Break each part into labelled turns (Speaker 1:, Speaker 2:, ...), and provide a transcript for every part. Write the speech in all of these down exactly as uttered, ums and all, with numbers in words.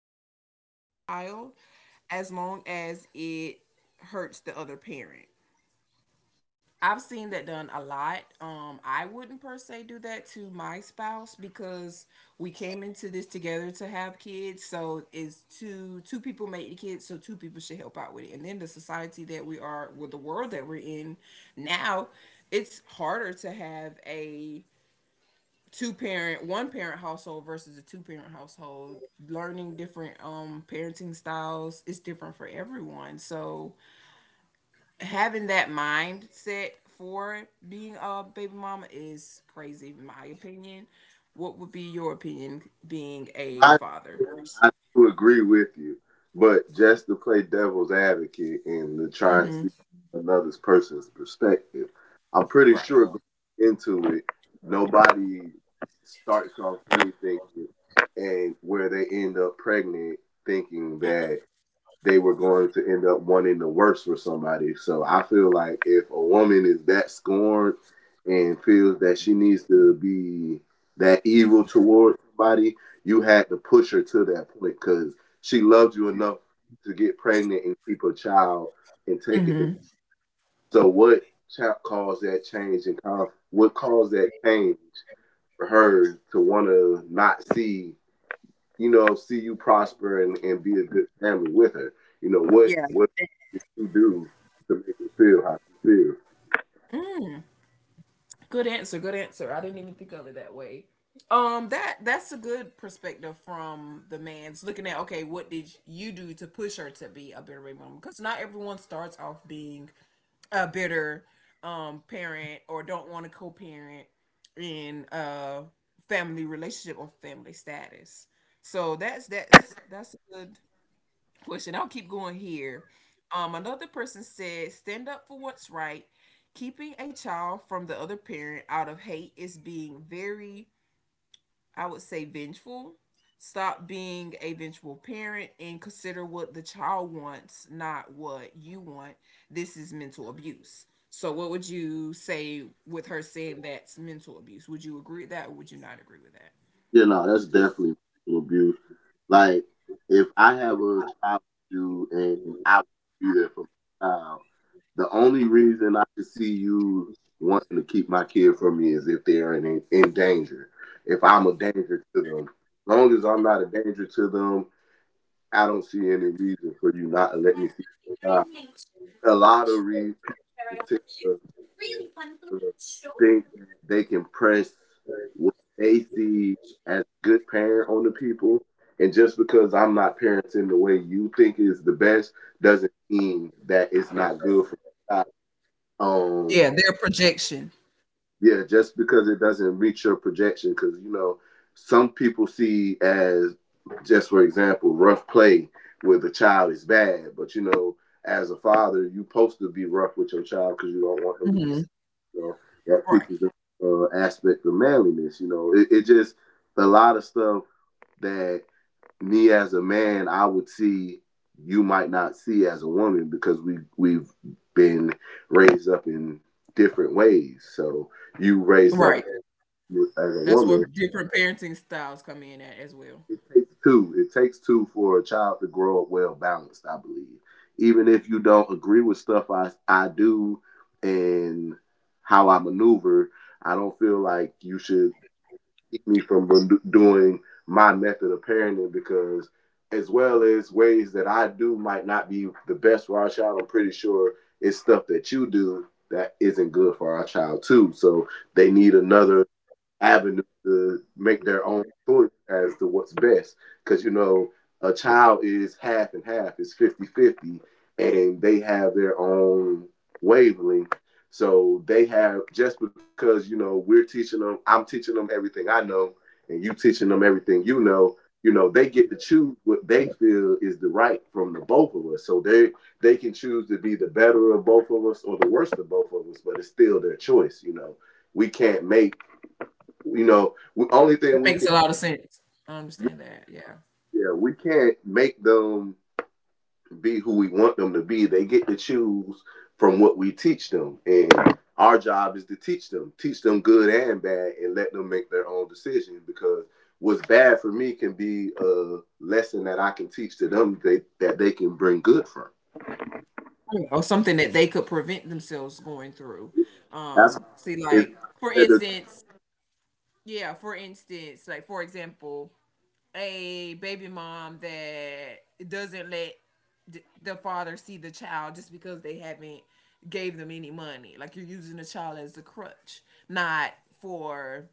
Speaker 1: damage done to the child as long as it hurts the other parent. I've seen that done a lot. Um, I wouldn't per se do that to my spouse because we came into this together to have kids. So it's two two people make the kids, so two people should help out with it. And then the society that we are, with, well, the world that we're in now, it's harder to have a two parent one parent household versus a two parent household. Learning different um parenting styles is different for everyone, so having that mindset for being a baby mama is crazy, in my opinion. What would be your opinion being a father?
Speaker 2: I do agree with you, but just to play devil's advocate and to try and
Speaker 1: Hmm.
Speaker 2: see another person's perspective, I'm pretty
Speaker 1: Right.
Speaker 2: sure going into it, nobody starts off anything and where they end up pregnant thinking that they were going to end up wanting the worst for somebody. So I feel like if a woman is that scorned and feels that she needs to be that evil towards somebody, you had to push her to that point because she loved you enough to get pregnant and keep a child and take it. to-
Speaker 1: Hmm.
Speaker 2: So what cha- caused that change and conf- what caused that change for her to want to not see, you know, see you prosper and, and be a good family with her? You know what?
Speaker 1: Yeah.
Speaker 2: What you do to make her feel how she feels.
Speaker 1: Good answer. Good answer. I didn't even think of it that way. Um, that that's a good perspective from the man's looking at. Okay, what did you do to push her to be a better baby mama? Because not everyone starts off being a bitter um parent or don't want to co-parent in a family relationship or family status. So that's that's that's a good question. I'll keep going here. Um, another person said, "Stand up for what's right." Keeping a child from the other parent out of hate is being very, I would say, vengeful. Stop being a vengeful parent and consider what the child wants, not what you want. This is mental abuse. So, what would you say with her saying that's mental abuse? Would you agree with that or would you not agree with that?
Speaker 2: Yeah, no, that's definitely abuse. Like, if I have a child to and I would be there for my child, the only reason I could see you wanting to keep my kid from me is if they're in, in danger. If I'm a danger to them. As long as I'm not a danger to them, I don't see any reason for you not to let me see my child. A lot of re- People tend to or think that they can press what they see as good parent on the people. And just because I'm not parenting the way you think is the best doesn't mean that it's not good for the child. Um,
Speaker 1: Yeah, their projection.
Speaker 2: yeah, just because it doesn't reach your projection, because you know some people see as just for example rough play with a child is bad, but you know as a father you're supposed to be rough with your child because you don't want them to be
Speaker 1: Mm-hmm.
Speaker 2: sick. You know that
Speaker 1: Right,
Speaker 2: teaches the uh, aspect of manliness. You know it, it just a lot of stuff that me as a man, I would see you might not see as a woman because we we've been raised up in different ways. So you raised up
Speaker 1: right.
Speaker 2: as a
Speaker 1: That's where
Speaker 2: woman.
Speaker 1: different parenting styles come in at as well.
Speaker 2: It takes two. It takes two for a child to grow up well balanced. I believe, even if you don't agree with stuff I I do and how I maneuver, I don't feel like you should keep me from doing my method of parenting because as well as ways that I do might not be the best for our child, I'm pretty sure it's stuff that you do that isn't good for our child too. So they need another avenue to make their own choice as to what's best. Because, you know, a child is half and half, it's fifty-fifty, and they have their own wavelength. So they have, just because, you know, we're teaching them, I'm teaching them everything I know, and you teaching them everything you know. You know, they get to choose what they feel is the right from the both of us. So they they can choose to be the better of both of us or the worst of both of us, but it's still their choice. You know, we can't make you know, the only thing
Speaker 1: It
Speaker 2: we
Speaker 1: makes
Speaker 2: can
Speaker 1: a lot of sense. I understand that. Yeah.
Speaker 2: yeah, we can't make them be who we want them to be. They get to choose from what we teach them. And our job is to teach them, teach them good and bad, and let them make their own decision because what's bad for me can be a lesson that I can teach to them they, that they can bring good from.
Speaker 1: Or something that they could prevent themselves going through.
Speaker 2: That's
Speaker 1: Um,
Speaker 2: why
Speaker 1: see,
Speaker 2: it's
Speaker 1: like
Speaker 2: not
Speaker 1: for
Speaker 2: fair to
Speaker 1: instance, yeah, for instance, like for example, a baby mom that doesn't let th- the father see the child just because they haven't gave them any money. Like you're using the child as a crutch, not for.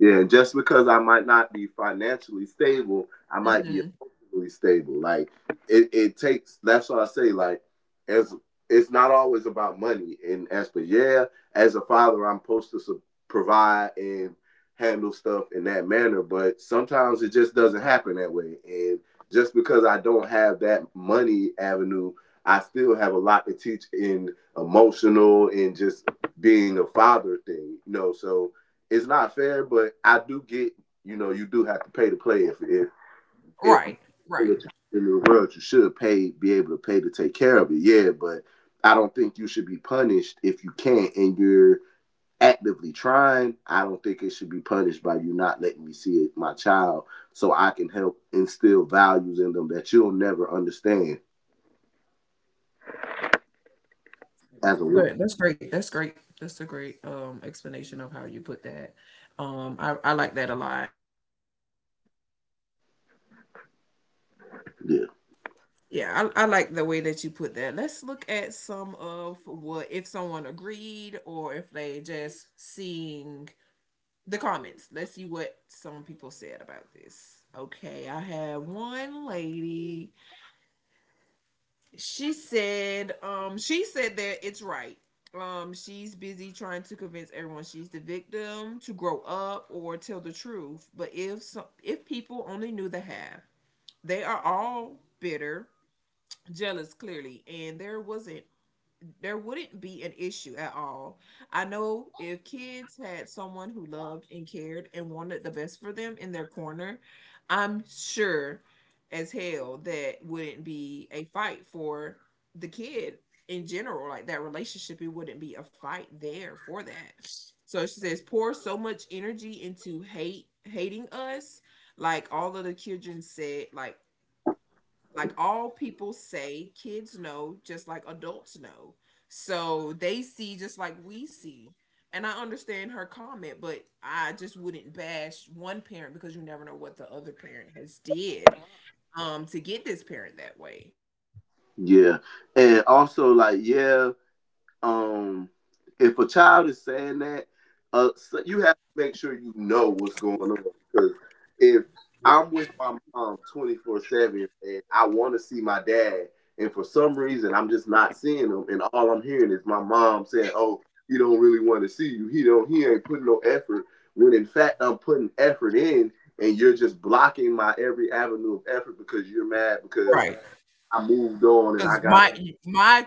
Speaker 2: Yeah, and just because I might not be financially stable, I might be
Speaker 1: Mhm.
Speaker 2: emotionally stable. Like it, it takes that's what I say, like as it's not always about money and as but yeah, as a father I'm supposed to su- provide and handle stuff in that manner, but sometimes it just doesn't happen that way. And just because I don't have that money avenue, I still have a lot to teach in emotional and just being a father thing, you know. So it's not fair, but I do get you know you do have to pay to play if if if
Speaker 1: Right,
Speaker 2: in
Speaker 1: right.
Speaker 2: the world you should pay be able to pay to take care of it. Yeah, but I don't think you should be punished if you can't and you're actively trying. I don't think it should be punished by you not letting me see it, my child so I can help instill values in them that you'll never understand as a woman.
Speaker 1: Good. That's great. That's great. That's a great um explanation of how you put that. Um, I I like that a lot.
Speaker 2: Yeah.
Speaker 1: Yeah, I, I like the way that you put that. Let's look at some of what if someone agreed or if they just seeing the comments. Let's see what some people said about this. Okay, I had one lady. She said, um, she said that it's right. Um, she's busy trying to convince everyone she's the victim to grow up or tell the truth. But if some, if people only knew the half, they are all bitter, jealous clearly, and there wasn't there wouldn't be an issue at all. I know if kids had someone who loved and cared and wanted the best for them in their corner, I'm sure as hell that wouldn't be a fight for the kid in general. Like that relationship, it wouldn't be a fight there for that. So she says, pour so much energy into hate hating us. Like all of the children said, like like all people say kids know just like adults know, so they see just like we see. And I understand her comment, but I just wouldn't bash one parent because you never know what the other parent has did um to get this parent that way.
Speaker 2: Yeah. And also like yeah, um if a child is saying that uh so you have to make sure you know what's going on because if I'm with my mom twenty four seven and I want to see my dad and for some reason I'm just not seeing him and all I'm hearing is my mom saying, oh, he don't really want to see you, he don't he ain't putting no effort when in fact I'm putting effort in and you're just blocking my every avenue of effort because you're mad because
Speaker 1: Right.
Speaker 2: I moved on and I
Speaker 1: Because
Speaker 2: got
Speaker 1: my my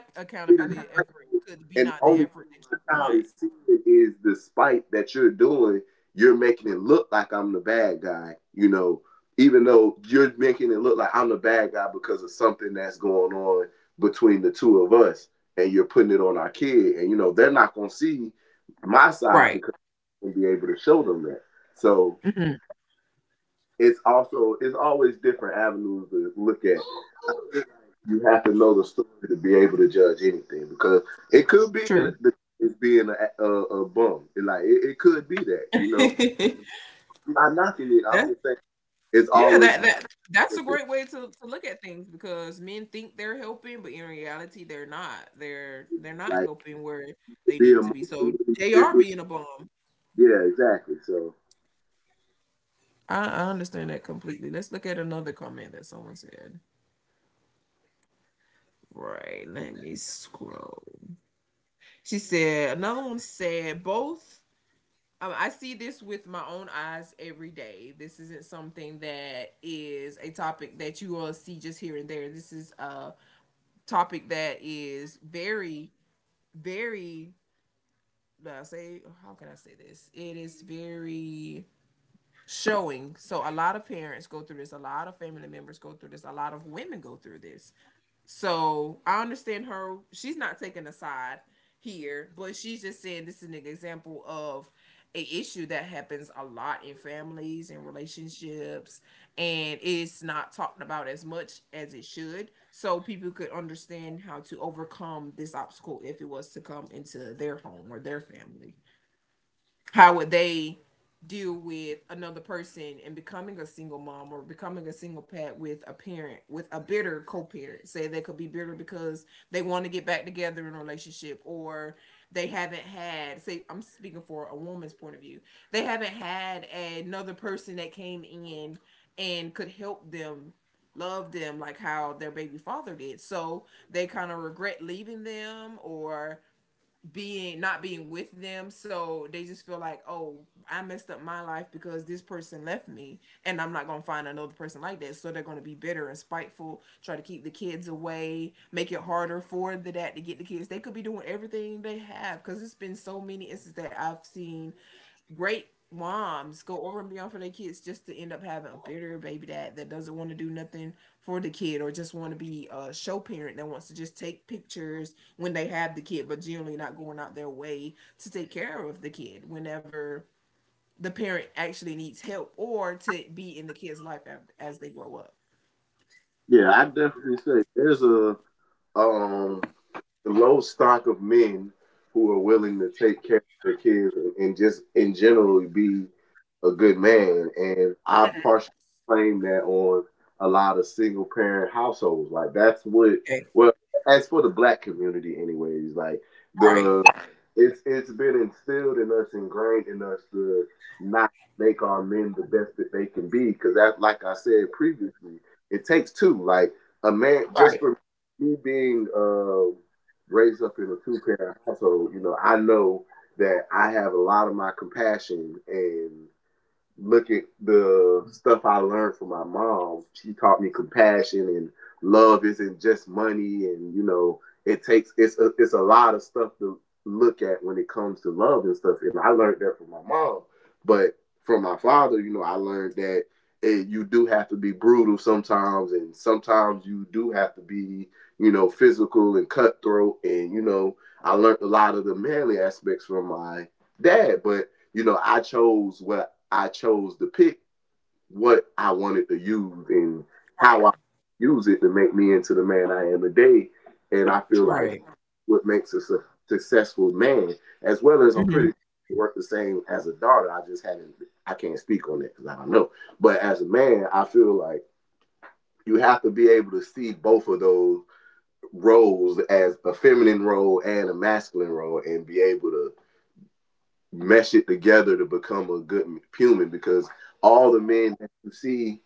Speaker 2: mm-hmm.
Speaker 1: accountability effort could be
Speaker 2: And the
Speaker 1: not the
Speaker 2: only
Speaker 1: effort
Speaker 2: thing
Speaker 1: that
Speaker 2: my
Speaker 1: you want.
Speaker 2: child is seeing is the spite that you're doing. You're making it look like I'm the bad guy, you know, even though you're making it look like I'm the bad guy because of something that's going on between the two of us. And you're putting it on our kid. And, you know, they're not going to see my side
Speaker 1: Right.
Speaker 2: because I'm going to be able to show them that. So
Speaker 1: Mhm.
Speaker 2: it's also, it's always different avenues to look at. You have to know the story to be able to judge anything because it could be
Speaker 1: True.
Speaker 2: that the, it's being a, a, a bum. It, like it, it could be that you know. I'm not knocking it. I'm
Speaker 1: That's
Speaker 2: just saying it's
Speaker 1: Yeah,
Speaker 2: always
Speaker 1: that
Speaker 2: been
Speaker 1: that that's a great way to, to look at things because men think they're helping, but in reality they're not. They're they're not
Speaker 2: like
Speaker 1: helping where
Speaker 2: to
Speaker 1: they
Speaker 2: be
Speaker 1: need to be. So
Speaker 2: emotionally
Speaker 1: they are
Speaker 2: different.
Speaker 1: being a bomb.
Speaker 2: Yeah, exactly. So
Speaker 1: I, I understand that completely. Let's look at another comment that someone said. Right, let me scroll. She said another one said both. Um, I see this with my own eyes every day. This isn't something that is a topic that you all see just here and there. This is a topic that is very, very, I say, how can I say this? It is very showing. So a lot of parents go through this, a lot of family members go through this, a lot of women go through this. So I understand her. She's not taking a side here, but she's just saying this is an example of a issue that happens a lot in families and relationships, and it's not talked about as much as it should, so people could understand how to overcome this obstacle if it was to come into their home or their family. How would they deal with another person and becoming a single mom or becoming a single parent with a parent with a bitter co-parent? Say they could be bitter because they want to get back together in a relationship, or they haven't had, say I'm speaking for a woman's point of view, they haven't had another person that came in and could help them love them like how their baby father did, so they kind of regret leaving them or being not being with them. So they just feel like, oh, I messed up my life because this person left me and I'm not gonna find another person like that, so they're gonna be bitter and spiteful, try to keep the kids away, make it harder for the dad to get the kids. They could be doing everything they have, because it's been so many instances that I've seen great moms go over and beyond for their kids just to end up having a bitter baby dad that doesn't want to do nothing for the kid, or just want to be a show parent that wants to just take pictures when they have the kid, but generally not going out their way to take care of the kid whenever the parent actually needs help or to be in the kid's life as they grow up.
Speaker 2: yeah, I definitely say there's a um a low stock of men who are willing to take care of their kids and, and just in general be a good man. And I partially blame that on a lot of single parent households. Like that's what
Speaker 1: Okay.
Speaker 2: well as for the black community anyways, like
Speaker 1: Right.
Speaker 2: the it's it's been instilled in us, ingrained in us to not make our men the best that they can be. Cause that like I said previously, it takes two. Like a man, just
Speaker 1: Right.
Speaker 2: for me being uh, raised up in a two parent household, you know, I know that I have a lot of my compassion and look at the stuff I learned from my mom. She taught me compassion and love isn't just money, and you know, it takes it's a, it's a lot of stuff to look at when it comes to love and stuff. And I learned that from my mom, but from my father, you know, I learned that it, you do have to be brutal sometimes, and sometimes you do have to be, you know, physical and cutthroat. And you know, I learned a lot of the manly aspects from my dad, but you know, I chose what I chose to pick, what I wanted to use, and
Speaker 1: Right.
Speaker 2: how I use it to make me into the man I am today. And I feel like
Speaker 1: Right.
Speaker 2: what makes us a successful man, as well as I'm pretty
Speaker 1: Hmm.
Speaker 2: sure work the same as a daughter. I just haven't, I can't speak on it because I don't know. But as a man, I feel like you have to be able to see both of those roles as a feminine role and a masculine role and be able to mesh it together to become a good human because all the men that you see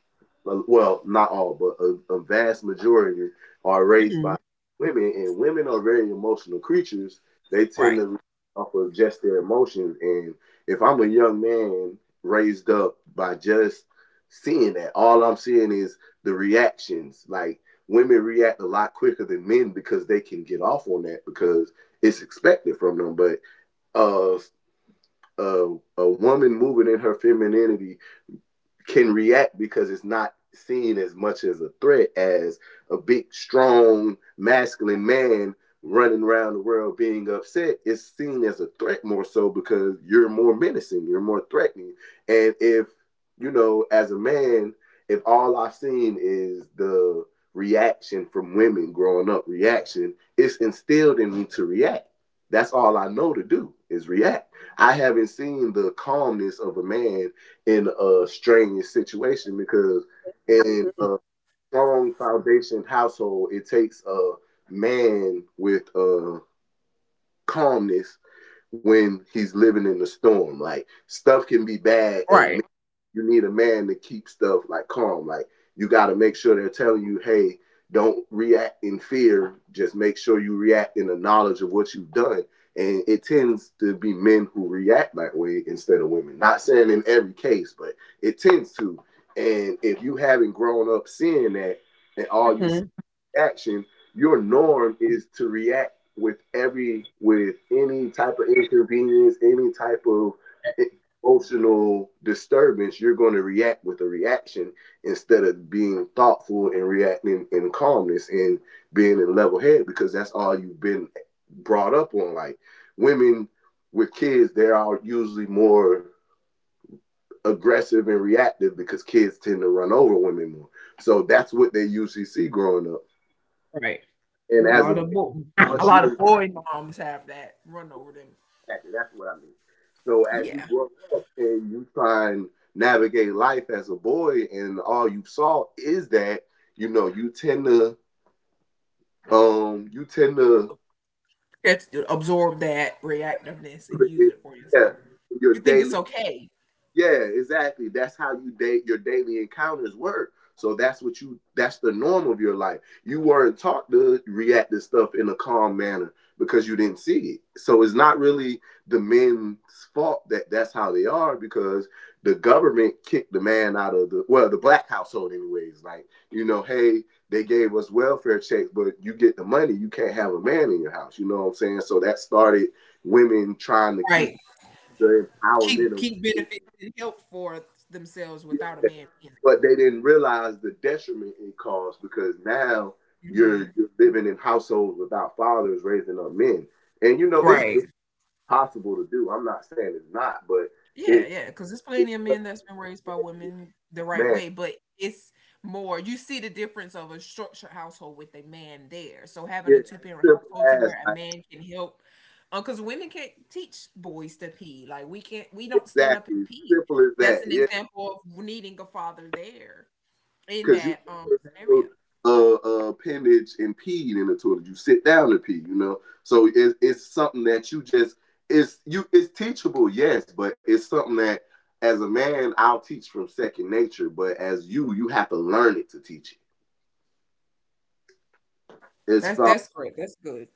Speaker 2: uh, well not all but a, a vast majority are raised by
Speaker 1: Hmm.
Speaker 2: women and women are very emotional creatures. They tend
Speaker 1: Right.
Speaker 2: to off of just their emotions. And if I'm a young man raised up by just seeing that, all I'm seeing is the reactions. Like women react a lot quicker than men because they can get off on that because it's expected from them, but uh a, a woman moving in her femininity can react because it's not seen as much as a threat as a big, strong, masculine man running around the world being upset. It's seen as a threat more so because you're more menacing, you're more threatening. And if, you know, as a man, if all I've seen is the reaction from women growing up, reaction, it's instilled in me to react. That's all I know to do is react. I haven't seen the calmness of a man in a strenuous situation because in a strong foundation household, it takes a man with uh, calmness when he's living in the storm. Like stuff can be bad and
Speaker 1: Right.
Speaker 2: you need a man to keep stuff like calm. Like you got to make sure they're telling you, hey, don't react in fear. Just make sure you react in the knowledge of what you've done. And it tends to be men who react that way instead of women. Not saying in every case, but it tends to. And if you haven't grown up seeing that, and all you
Speaker 1: Hmm.
Speaker 2: action, your norm is to react with every with any type of inconvenience, any type of emotional disturbance, you're going to react with a reaction instead of being thoughtful and reacting in calmness and being in level head because that's all you've been brought up on. Like women with kids, they are usually more aggressive and reactive because kids tend to run over women more. So that's what they usually see growing up.
Speaker 1: Right. A
Speaker 2: And as
Speaker 1: lot
Speaker 2: a
Speaker 1: of bo-
Speaker 2: a
Speaker 1: A lot of
Speaker 2: shooting
Speaker 1: boy moms have that run over them.
Speaker 2: exactly. That's what I mean. So as you
Speaker 1: Yeah.
Speaker 2: grow up and you try and navigate life as a boy, and all you saw is that you know you tend to um you tend to
Speaker 1: That's absorb that reactiveness and use it for
Speaker 2: yeah
Speaker 1: yourself.
Speaker 2: your
Speaker 1: You think it's
Speaker 2: daily.
Speaker 1: okay,
Speaker 2: Yeah, exactly. That's how you date your daily encounters work. So that's what you that's the norm of your life. You weren't taught to react to stuff in a calm manner because you didn't see it. So it's not really the men's fault that that's how they are because the government kicked the man out of the well, the black household anyways. Like, you know, hey, they gave us welfare checks, but you get the money, you can't have a man in your house. You know what I'm saying? So that started women trying to keep
Speaker 1: right?
Speaker 2: the empowerment
Speaker 1: Keep
Speaker 2: of
Speaker 1: keep
Speaker 2: women,
Speaker 1: benefits and help for themselves
Speaker 2: yeah,
Speaker 1: without a man being
Speaker 2: but they didn't realize the detriment it caused because now
Speaker 1: there. Mm-hmm.
Speaker 2: you're, you're living in households without fathers raising up men, and you know it's
Speaker 1: Right.
Speaker 2: possible to do. I'm not saying it's not, but
Speaker 1: Yeah,
Speaker 2: it,
Speaker 1: yeah, because there's
Speaker 2: it
Speaker 1: plenty of
Speaker 2: does
Speaker 1: men that's been raised by women the right
Speaker 2: man,
Speaker 1: way, but it's more you see the difference of a structured household with a man there. So having
Speaker 2: yeah,
Speaker 1: a two
Speaker 2: as
Speaker 1: parent
Speaker 2: simple
Speaker 1: household to
Speaker 2: as
Speaker 1: where a
Speaker 2: like
Speaker 1: man can help, because women can't teach boys to pee. Like we can't, we don't stand up
Speaker 2: exactly
Speaker 1: and pee.
Speaker 2: simple as that.
Speaker 1: That's an
Speaker 2: Yeah.
Speaker 1: example of needing a father there, in
Speaker 2: Because you
Speaker 1: that um
Speaker 2: never
Speaker 1: scenario.
Speaker 2: held a, a appendage and peed in the toilet. You sit down and pee, you know. So it's it's something that you just it's you it's teachable, yes, but it's something that as a man I'll teach from second nature, but as you you have to learn it to teach it.
Speaker 1: That's
Speaker 2: It's
Speaker 1: that's
Speaker 2: far
Speaker 1: great. That's good.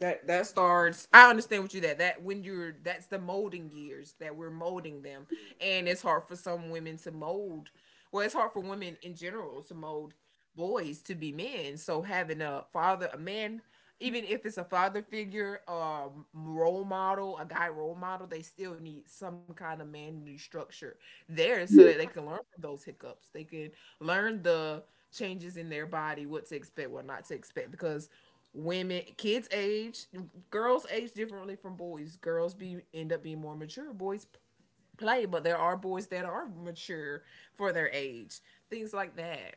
Speaker 1: That that starts. I understand what you that that when you're that's the molding years that we're molding them, and it's hard for some women to mold. Well, it's hard for women in general to mold boys to be men. So having a father, a man, even if it's a father figure, a role model, a guy role model, they still need some kind of manly structure there so that they
Speaker 2: yeah
Speaker 1: can learn from those hiccups. They can learn the changes in their body, what to expect, what not to expect, because women kids age girls age differently from boys. Girls be end up being more mature. Boys play, but there are boys that are mature for their age, things like that.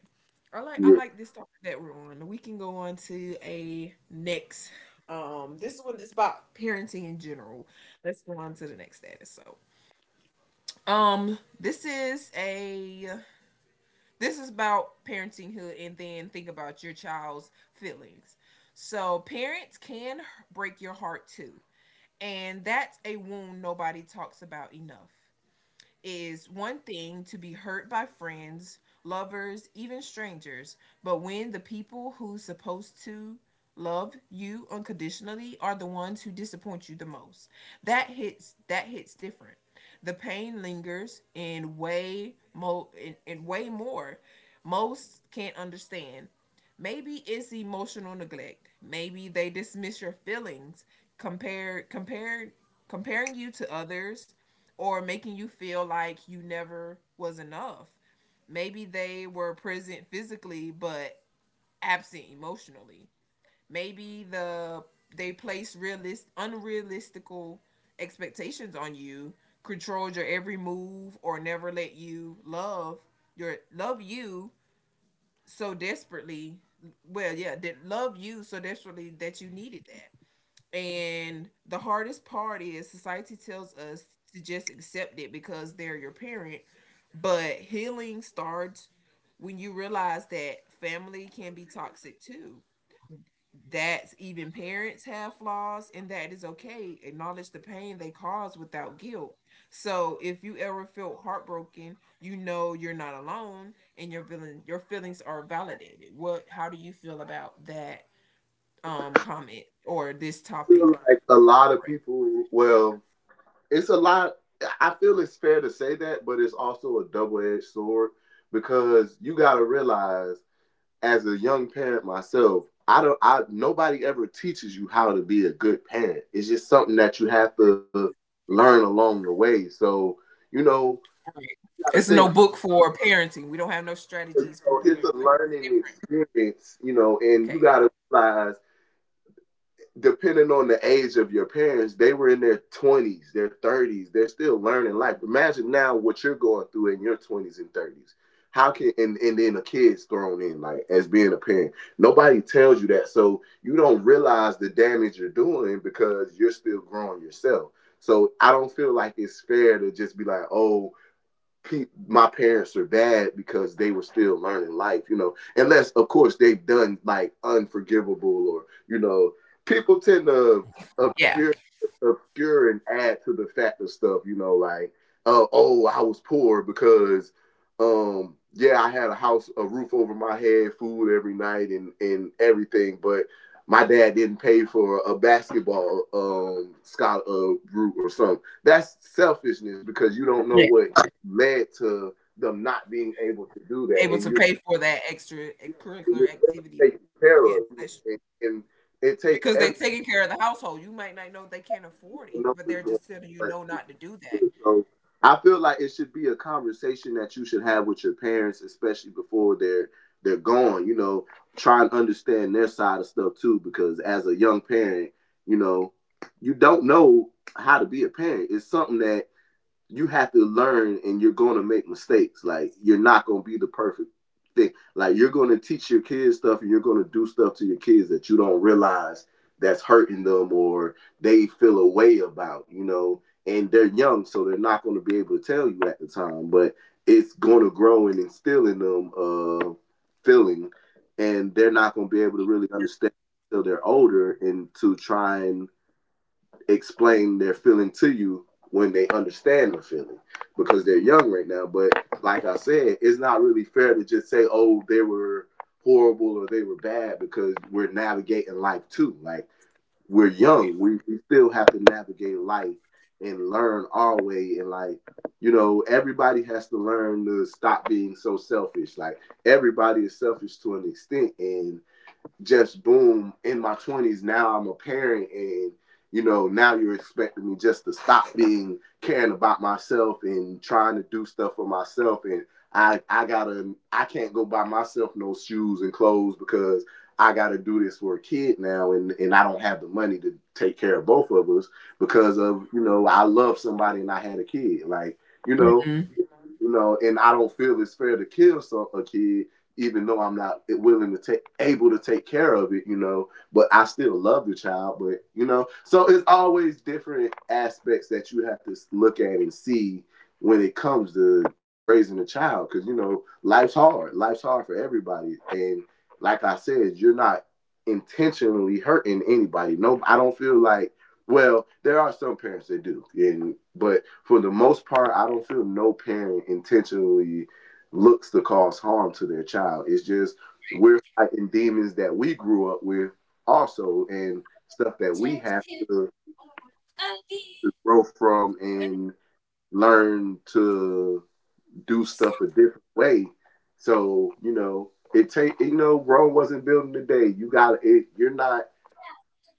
Speaker 1: i like i
Speaker 2: yeah. Yeah.
Speaker 1: like this topic that we're on. We can go on to a next. Um this one is about parenting in general. Let's go on to the next status. So um this is a this is about parentinghood, and then think about your child's feelings. So, parents can break your heart too. And that's a wound nobody talks about enough. Is one thing to be hurt by friends, lovers, even strangers, but when the people who's supposed to love you unconditionally are the ones who disappoint you the most. That hits that hits different. The pain lingers in way mo in, in way more most can't understand. Maybe it's emotional neglect. Maybe they dismiss your feelings, compare compare comparing you to others or making you feel like you never was enough. Maybe they were present physically but absent emotionally. Maybe the they placed realist unrealistical expectations on you, controlled your every move or never let you love your love you so desperately well yeah did love you so desperately that you needed that. And the hardest part is society tells us to just accept it because they're your parent. But healing starts when you realize that family can be toxic too. That's, even parents have flaws, and that is okay. Acknowledge the pain they cause without guilt. So if you ever feel heartbroken, you know you're not alone, and your feeling your feelings are validated. What? How do you feel about that um, comment or this
Speaker 2: I feel
Speaker 1: topic?
Speaker 2: like a lot of people. Well, it's a lot. I feel it's fair to say that, but it's also a double edged sword because you got to realize as a young parent myself, I don't I nobody ever teaches you how to be a good parent. It's just something that you have to learn along the way. So, you know, you
Speaker 1: It's
Speaker 2: gotta
Speaker 1: no
Speaker 2: think
Speaker 1: book for parenting. We don't have no
Speaker 2: you
Speaker 1: strategies for
Speaker 2: know, it's a
Speaker 1: parenting. It's
Speaker 2: learning experience, you know, and
Speaker 1: okay.
Speaker 2: you gotta realize depending on the age of your parents, they were in their twenties, their thirties. They're still learning life. Imagine now what you're going through in your twenties and thirties. How can and, and then a kid's thrown in like as being a parent. Nobody tells you that. So you don't realize the damage you're doing because you're still growing yourself. So I don't feel like it's fair to just be like, oh, pe- my parents are bad because they were still learning life, you know. Unless, of course, they've done like unforgivable or you know, people tend to
Speaker 1: Yeah.
Speaker 2: obscure, obscure and add to the fact of stuff, you know, like uh, oh, I was poor because um yeah, I had a house, a roof over my head, food every night, and and everything, but. My dad didn't pay for a basketball um, scholar uh, route or something. That's selfishness because you don't know
Speaker 1: Yeah.
Speaker 2: what led to them not being able to do that.
Speaker 1: Able
Speaker 2: And
Speaker 1: to
Speaker 2: you're,
Speaker 1: pay for that extra
Speaker 2: and you're
Speaker 1: curricular
Speaker 2: well
Speaker 1: activity.
Speaker 2: taken care
Speaker 1: Yes,
Speaker 2: of, you know,
Speaker 1: that's true.
Speaker 2: and, and it takes
Speaker 1: Because they're
Speaker 2: every
Speaker 1: taking care of the household. You might not know they can't afford it,
Speaker 2: you know
Speaker 1: but they're
Speaker 2: what's going
Speaker 1: just telling you no
Speaker 2: on.
Speaker 1: not to do that.
Speaker 2: So I feel like it should be a conversation that you should have with your parents, especially before they're they're gone. You know, try and understand their side of stuff too, because as a young parent, you know, you don't know how to be a parent. It's something that you have to learn and you're going to make mistakes. Like you're not going to be the perfect thing. Like you're going to teach your kids stuff and you're going to do stuff to your kids that you don't realize that's hurting them or they feel a way about, you know. And they're young, so they're not going to be able to tell you at the time, but it's going to grow and instill in them uh feeling and they're not going to be able to really understand until they're older and to try and explain their feeling to you when they understand the feeling because they're young right now. But like I said, it's not really fair to just say, oh, they were horrible or they were bad because we're navigating life too. Like we're young, we, we still have to navigate life and learn our way. And like, you know, everybody has to learn to stop being so selfish. Like everybody is selfish to an extent. And just boom in my twenties now I'm a parent and you know now you're expecting me just to stop being caring about myself and trying to do stuff for myself and i i gotta I can't go buy myself no shoes and clothes because I gotta do this for a kid now and and I don't have the money to take care of both of us because of you know I love somebody and I had a kid like you know
Speaker 1: Mm.
Speaker 2: you know and I don't feel it's fair to kill some a kid even though I'm not willing to take able to take care of it, you know, but I still love the child, but you know, so it's always different aspects that you have to look at and see when it comes to raising a child cuz you know, life's hard. Life's hard for everybody and like I said, you're not intentionally hurting anybody. No, I don't feel like well, there are some parents that do, and but for the most part, I don't feel no parent intentionally looks to cause harm to their child. It's just we're fighting demons that we grew up with also and stuff that we have to, to grow from and learn to do stuff a different way. So, you know, it take you know, Rome wasn't built in the day. You got it you're not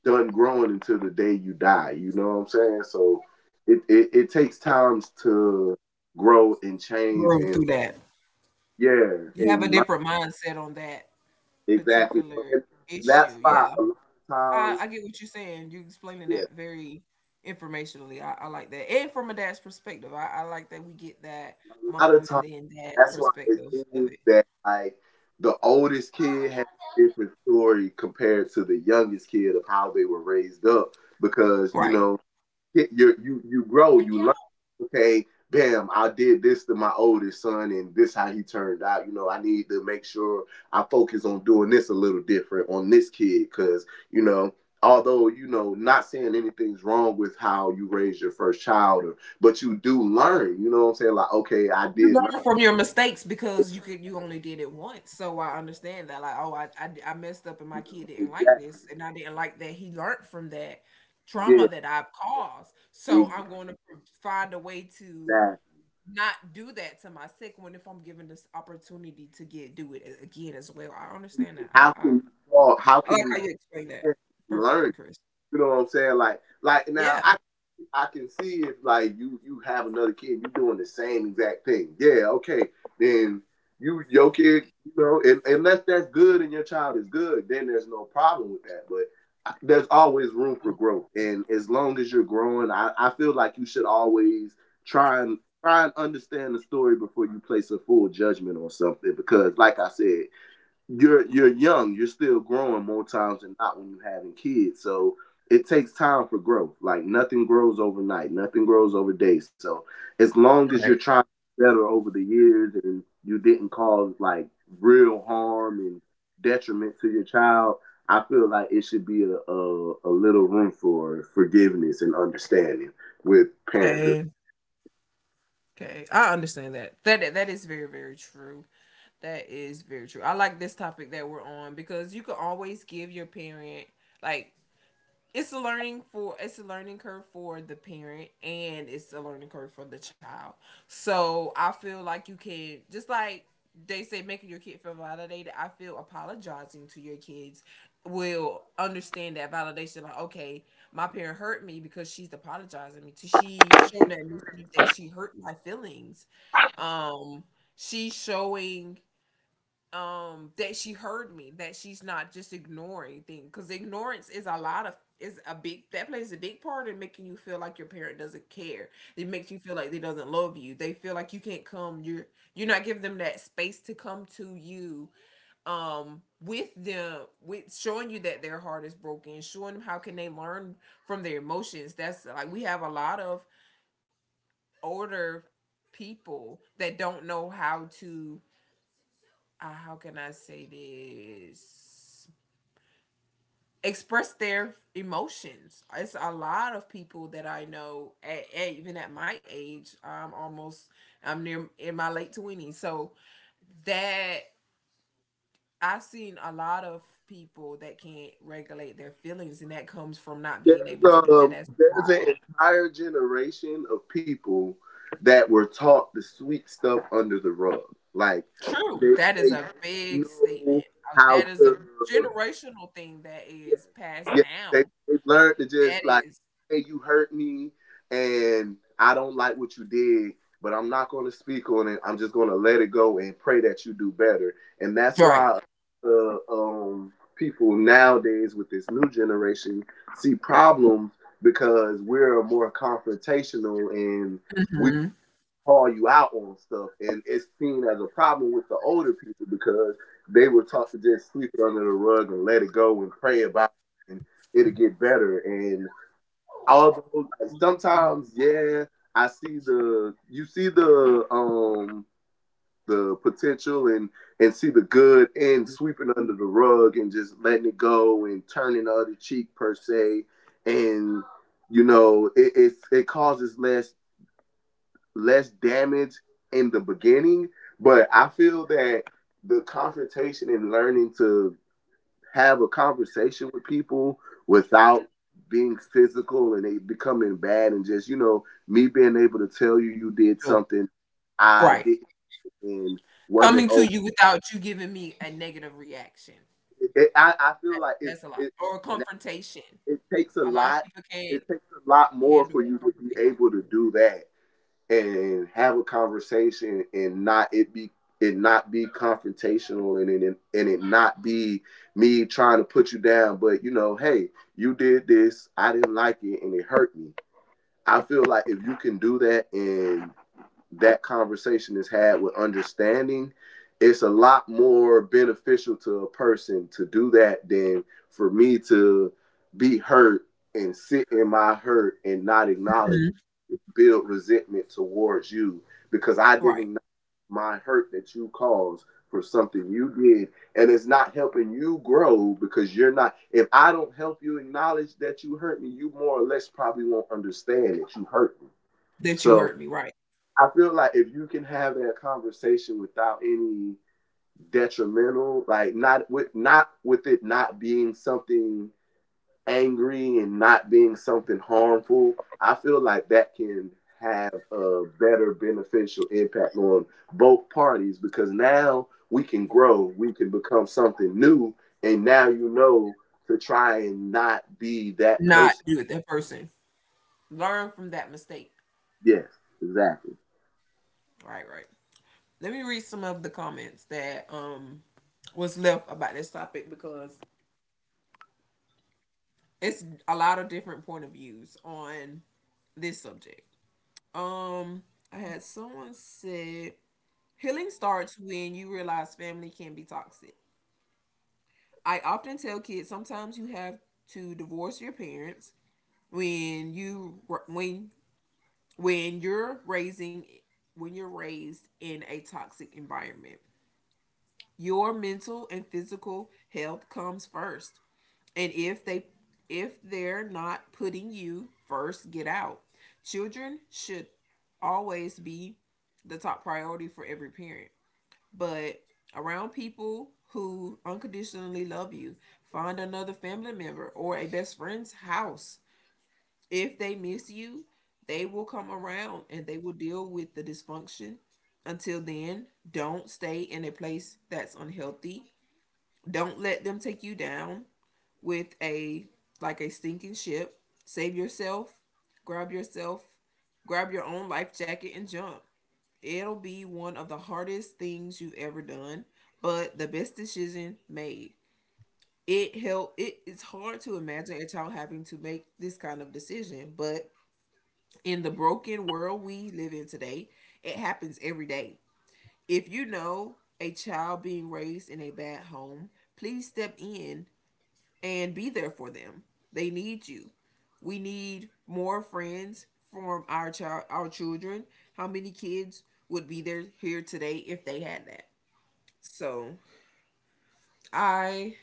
Speaker 2: done growing until the day you die. You know what I'm saying? So it, it, it takes times to grow and change
Speaker 1: Grow
Speaker 2: and
Speaker 1: through that.
Speaker 2: yeah,
Speaker 1: You have a
Speaker 2: and
Speaker 1: different mindset on that
Speaker 2: exactly. So,
Speaker 1: particular
Speaker 2: And and that's
Speaker 1: issue. Yeah.
Speaker 2: why a lot of
Speaker 1: I,
Speaker 2: times,
Speaker 1: I get what you're saying. You explaining
Speaker 2: yeah,
Speaker 1: that very informationally. I, I like that. And from a dad's perspective, I, I like that we get that
Speaker 2: a lot
Speaker 1: mom
Speaker 2: of
Speaker 1: and
Speaker 2: times,
Speaker 1: then dad
Speaker 2: that's why it
Speaker 1: perspective of
Speaker 2: seems
Speaker 1: it.
Speaker 2: that like the oldest kid has a different story compared to the youngest kid of how they were raised up. Because, you
Speaker 1: Right.
Speaker 2: know, get you you you grow you learn okay bam I did this to my oldest son and this how he turned out you know I need to make sure I focus on doing this a little different on this kid because you know although you know not saying anything's wrong with how you raised your first child or but you do learn you know what I'm saying like okay I
Speaker 1: You
Speaker 2: did learn
Speaker 1: learn from your mistakes
Speaker 2: this,
Speaker 1: because you could you only did it once. So I understand that. Like, oh, I, I d- I messed up and my
Speaker 2: you
Speaker 1: kid
Speaker 2: know
Speaker 1: didn't like
Speaker 2: exactly
Speaker 1: this and I didn't like that he learned from that
Speaker 2: yeah,
Speaker 1: trauma that I've caused. So I'm
Speaker 2: exactly.
Speaker 1: going to pr- find a way to not do that to my sick one if I'm given this opportunity to get do it a- again as well. I
Speaker 2: And
Speaker 1: understand that. I
Speaker 2: how can
Speaker 1: I,
Speaker 2: you how
Speaker 1: I
Speaker 2: can
Speaker 1: like how
Speaker 2: you
Speaker 1: you explain that
Speaker 2: learn
Speaker 1: perfectly, Chris.
Speaker 2: you know what I'm saying like like now
Speaker 1: Yeah.
Speaker 2: I. I can see if like you you have another kid, you are doing the same exact thing. Yeah, okay. Then you your kid, you know, and unless that's good and your child is good, then there's no problem with that. But I- there's always room for growth, and as long as you're growing, I, I feel like you should always try and try and understand the story before you place a full judgment on something. Because, like I said, you're you're young, you're still growing more times than not when you're having kids. So it takes time for growth. Like nothing grows overnight, nothing grows over day. So as long as
Speaker 1: Right.
Speaker 2: you're trying to get better over the years and you didn't cause like real harm and detriment to your child, I feel like it should be a, a, a little room for forgiveness and understanding with parenthood.
Speaker 1: Okay. Okay. I understand that. That that is very very true. That is very true. I like this topic that we're on because you can always give your parent, like, it's a learning for it's a learning curve for the parent and it's a learning curve for the child. So I feel like you can just, like they say, making your kid feel validated. I feel apologizing to your kids will understand that validation. Like, okay, my parent hurt me because she's apologizing me. To me. She's showing that initiative that she hurt my feelings. Um, she's showing um that she heard me, that she's not just ignoring things, because ignorance is a lot of is a big, that plays a big part in making you feel like your parent doesn't care. It makes you feel like they doesn't love you, they feel like you can't come, you're you're not giving them that space to come to you um with them, with showing you that their heart is broken, showing them how can they learn from their emotions. That's, like, we have a lot of older people that don't know how to, uh, how can I say this? Express their emotions. It's a lot of people that I know, at, at- even at my age, I'm almost, I'm near in my late twenties. So that I've seen a lot of people that can't regulate their feelings, and that comes from not being
Speaker 2: There's
Speaker 1: able to do that
Speaker 2: um
Speaker 1: as
Speaker 2: there's
Speaker 1: a
Speaker 2: an
Speaker 1: child.
Speaker 2: entire generation of people that were taught to sweep stuff under the rug. Like they
Speaker 1: True. That is
Speaker 2: they
Speaker 1: a big
Speaker 2: don't
Speaker 1: statement.
Speaker 2: know
Speaker 1: Uh,
Speaker 2: how
Speaker 1: That is a
Speaker 2: to.
Speaker 1: generational thing that
Speaker 2: Yeah,
Speaker 1: is passed
Speaker 2: yeah. They
Speaker 1: down.
Speaker 2: they learn to
Speaker 1: That
Speaker 2: just like,
Speaker 1: is
Speaker 2: hey, you hurt me, and I don't like what you did, but I'm not going to speak on it. I'm just going to let it go and pray that you do better. And that's
Speaker 1: right.
Speaker 2: why uh, um people nowadays with this new generation see problems because we're more confrontational and. We
Speaker 1: Hmm.
Speaker 2: call you out on stuff, and it's seen as a problem with the older people because they were taught to just sweep it under the rug and let it go and pray about it, and it'll get better. And although, like, sometimes, yeah, I see the you see the um the potential and and see the good and sweeping under the rug and just letting it go and turning the other cheek, per se. And you know it it's, it causes less less damage in the beginning, but I feel that the confrontation and learning to have a conversation with people without being physical and they becoming bad, and just, you know, me being able to tell you you did something I
Speaker 1: Right.
Speaker 2: didn't and wasn't
Speaker 1: Coming to
Speaker 2: okay.
Speaker 1: you without you giving me a negative reaction. That,
Speaker 2: It, I I feel like it
Speaker 1: that's a lot.
Speaker 2: it
Speaker 1: Or a confrontation.
Speaker 2: it takes a
Speaker 1: A lot of
Speaker 2: lot.
Speaker 1: people can't
Speaker 2: It takes a lot more
Speaker 1: handle
Speaker 2: for
Speaker 1: a
Speaker 2: you to be
Speaker 1: confrontation.
Speaker 2: able to do that and have a conversation and not it be, it not be confrontational, and it and it not be me trying to put you down, but you know, hey, you did this, I didn't like it, and it hurt me. I feel like if you can do that and that conversation is had with understanding, it's a lot more beneficial to a person to do that than for me to be hurt and sit in my hurt and not acknowledge
Speaker 1: Mhm.
Speaker 2: it, build resentment towards you because I didn't
Speaker 1: Right.
Speaker 2: acknowledge my hurt that you caused for something you did. And it's not helping you grow because you're not, if I don't help you acknowledge that you hurt me, you more or less probably won't understand that you hurt me.
Speaker 1: That you
Speaker 2: So,
Speaker 1: hurt me, right.
Speaker 2: I feel like if you can have that conversation without any detrimental, like not with not with it not being something angry and not being something harmful, I feel like that can have a better beneficial impact on both parties because now we can grow, we can become something new, and now you know to try and not be that
Speaker 1: Not
Speaker 2: person.
Speaker 1: you, that person. Learn from that mistake.
Speaker 2: Yes, exactly.
Speaker 1: Right, right. Let me read some of the comments that um was left about this topic because it's a lot of different point of views on this subject. Um, I had someone said, healing starts when you realize family can be toxic. I often tell kids, sometimes you have to divorce your parents when you when when you're raising when you're raised in a toxic environment. Your mental and physical health comes first. And if they if they're not putting you first, get out. Children should always be the top priority for every parent, but around people who unconditionally love you. Find another family member or a best friend's house. If they miss you, they will come around and they will deal with the dysfunction. Until then, don't stay in a place that's unhealthy. Don't let them take you down with a like a sinking ship. Save yourself. Grab yourself. Grab your own life jacket and jump. It'll be one of the hardest things you've ever done, but the best decision made. It help it, it's hard to imagine a child having to make this kind of decision, but in the broken world we live in today, it happens every day. If you know a child being raised in a bad home, please step in and be there for them. They need you. We need more friends from our child, our children. How many kids would be there here today if they had that? So I,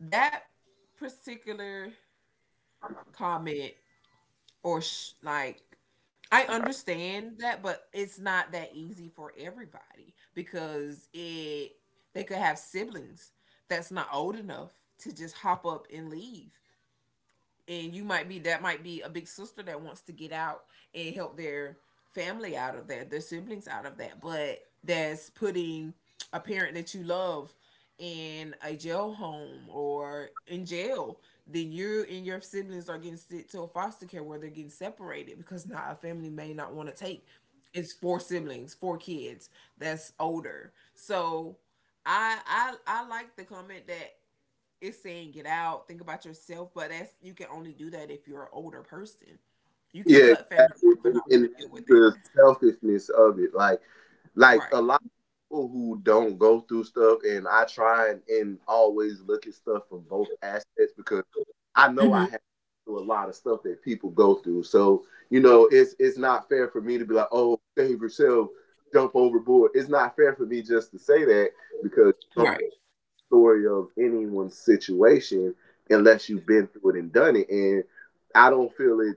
Speaker 1: that particular comment, or sh- like, I understand that, but it's not that easy for everybody because it they could have siblings that's not old enough to just hop up and leave. And you might be that might be a big sister that wants to get out and help their family out of that, their siblings out of that, but that's putting a parent that you love in a jail home, or in jail, then you and your siblings are getting sent to a foster care where they're getting separated because not a family may not want to take. It's four siblings, four kids that's older. So I I I like the comment that it's saying get out, think about yourself, but that's you can only do that if you're an older person. You can
Speaker 2: Yeah,
Speaker 1: cut family
Speaker 2: exactly.
Speaker 1: off and
Speaker 2: And,
Speaker 1: not want
Speaker 2: and
Speaker 1: to
Speaker 2: that's
Speaker 1: deal with
Speaker 2: the
Speaker 1: that.
Speaker 2: selfishness of it. Like, like
Speaker 1: Right.
Speaker 2: a lot of people who don't go through stuff, and I try and, and always look at stuff from both aspects because I know I
Speaker 1: Hmm.
Speaker 2: have through a lot of stuff that people go through. So you know, it's it's not fair for me to be like, oh, save yourself, jump overboard. It's not fair for me just to say that because you don't
Speaker 1: Right.
Speaker 2: know the story of anyone's situation unless you've been through it and done it. And I don't feel it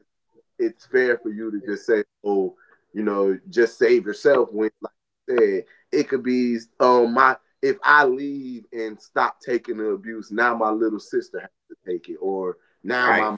Speaker 2: it's fair for you to just say, oh, you know, just save yourself when, like you said, it could be um my, if I leave and stop taking the abuse, now my little sister has to take it, or now
Speaker 1: Right.
Speaker 2: my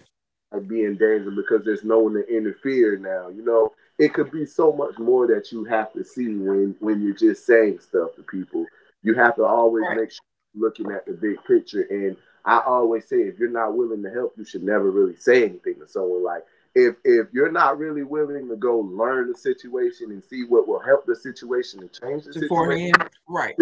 Speaker 2: like be in danger because there's no one to interfere now. You know, it could be so much more that you have to see when when you're just saying stuff to people. You have to always
Speaker 1: Right.
Speaker 2: make sure you're looking at the big picture. And I always say, if you're not willing to help, you should never really say anything to someone. Like if if you're not really willing to go learn the situation and see what will help the situation and change the situation,
Speaker 1: Beforehand. Right.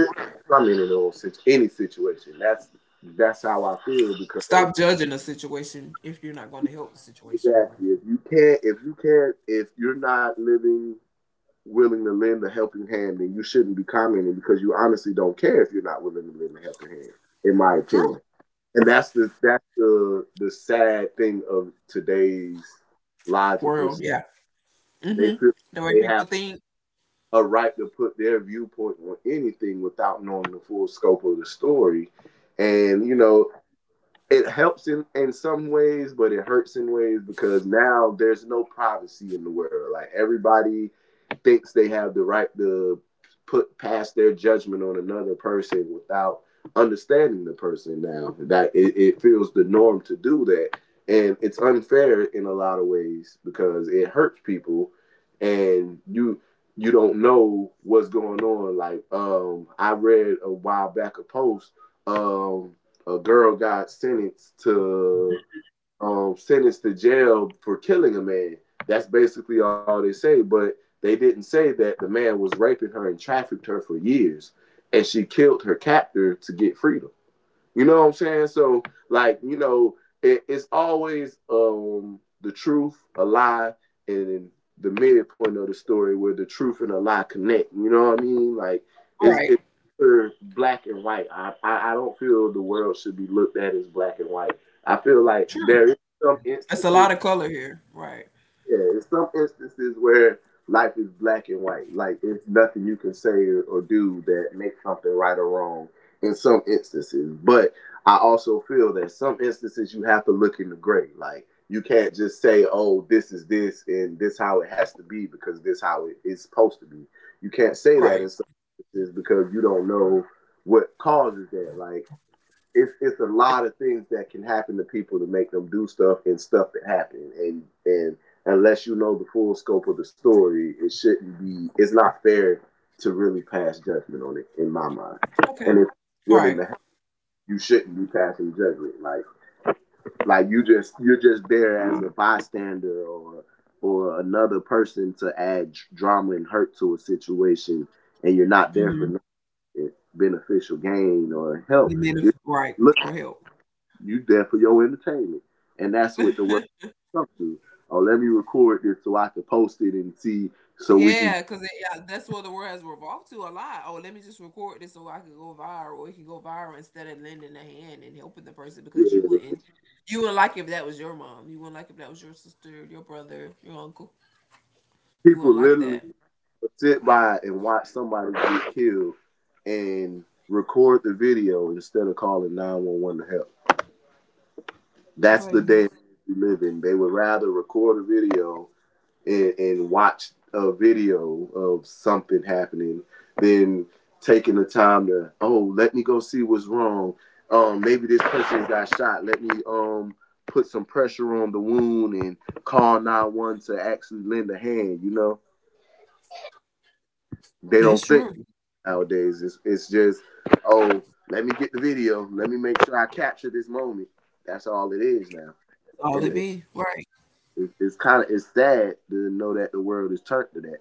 Speaker 2: I'm in an old situ- any situation. That's that's how I feel because
Speaker 1: Stop judging a situation if you're not going to help the situation.
Speaker 2: exactly. If you can't, if you can't, if you're not living willing to lend a helping hand, then you shouldn't be commenting because you honestly don't care if you're not willing to lend a helping hand. In my
Speaker 1: True.
Speaker 2: opinion, and that's the that's the the sad thing of today's logic
Speaker 1: World.
Speaker 2: was
Speaker 1: Yeah.
Speaker 2: they
Speaker 1: hmm
Speaker 2: feel
Speaker 1: The way
Speaker 2: they
Speaker 1: people
Speaker 2: have
Speaker 1: think.
Speaker 2: a right to put their viewpoint on anything without knowing the full scope of the story, and you
Speaker 1: Right.
Speaker 2: know it helps in in some ways, but it hurts in ways because now there's no privacy in the world. Like everybody thinks they have the right to put past their judgment on another person without understanding the person now that it, it feels the norm to do that, and it's unfair in a lot of ways because it hurts people, and you you don't know what's going on. Like um I read a while back a post, um a girl got sentenced to um, sentenced to jail for killing a man. That's basically all they say. But they didn't say that the man was raping her and trafficked her for years, and she killed her captor to get freedom. You know what I'm saying? So like, you know, it, it's always um the truth, a lie, and the midpoint of the story where the truth and a lie connect. You know what I mean? Like it's
Speaker 1: Right.
Speaker 2: it's never black and white. I, I I don't feel the world should be looked at as black and white. I feel like
Speaker 1: True.
Speaker 2: there is some
Speaker 1: That's a
Speaker 2: instances,
Speaker 1: lot of color here. Right.
Speaker 2: yeah, in some instances where life is black and white, like it's nothing you can say or do that makes something right or wrong. In some instances, but I also feel that some instances you have to look in the gray. Like you can't just say, "Oh, this is this and this how it has to be because this how it is supposed to be." You can't say that in
Speaker 1: Right.
Speaker 2: some instances because you don't know what causes that. Like it's it's a lot of things that can happen to people to make them do stuff and stuff that happen, and and unless you know the full scope of the story, it shouldn't be, it's not fair to really pass judgment on it, in my mind.
Speaker 1: Okay.
Speaker 2: And if you're
Speaker 1: Right.
Speaker 2: willing to help, you shouldn't be passing judgment, like like you just, you're just there as a bystander, or or another person to add drama and hurt to a situation, and you're not there for
Speaker 1: hmm
Speaker 2: no beneficial gain or help.
Speaker 1: You mean
Speaker 2: You're
Speaker 1: if, right,
Speaker 2: look,
Speaker 1: or help.
Speaker 2: you there for your entertainment, and that's what the world comes to. Oh, let me record this so I can post it and see, so we can.
Speaker 1: Yeah, because, yeah, that's what the world has revolved to a lot. Oh, let me just record this so I can go viral, or it can go viral, instead of lending a hand and helping the person
Speaker 2: Yeah,
Speaker 1: because you
Speaker 2: like,
Speaker 1: wouldn't, you wouldn't like if that was your mom. You wouldn't like if that was your sister, your brother, your uncle. You wouldn't
Speaker 2: people
Speaker 1: like that.
Speaker 2: literally sit by and watch somebody get killed and record the video instead of calling nine one one to help. That's the
Speaker 1: Crazy.
Speaker 2: day we live in. They would rather record a video and, and watch a video of something happening than taking the time to, oh, let me go see what's wrong. Um, maybe this person got shot. Let me um put some pressure on the wound and call nine one one to actually lend a hand. You know, they
Speaker 1: That's
Speaker 2: don't think
Speaker 1: true. That's
Speaker 2: nowadays. It's it's just, oh, let me get the video. Let me make sure I capture this moment. That's all it is now,
Speaker 1: all
Speaker 2: and
Speaker 1: it
Speaker 2: it,
Speaker 1: be. Right.
Speaker 2: it, it's kind of, it's sad to know that the world is turned to that.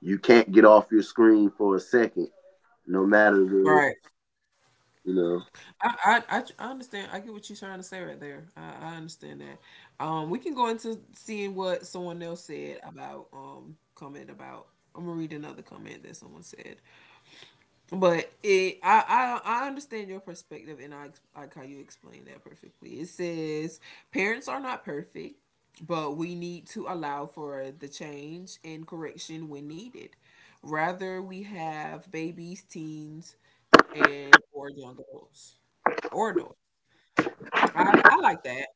Speaker 2: You can't get off your screen for a second, no matter the,
Speaker 1: Right.
Speaker 2: you know.
Speaker 1: I, I, I tr- I understand. I get what you're trying to say right there. I, I understand that. Um, we can go into seeing what someone else said about um comment about. I'm gonna read another comment that someone said. But it, I, I, I understand your perspective, and I I like how you explain that perfectly. It says, parents are not perfect, but we need to allow for the change and correction when needed. Rather, we have babies, teens, and or young adults, or adults. I, I like that.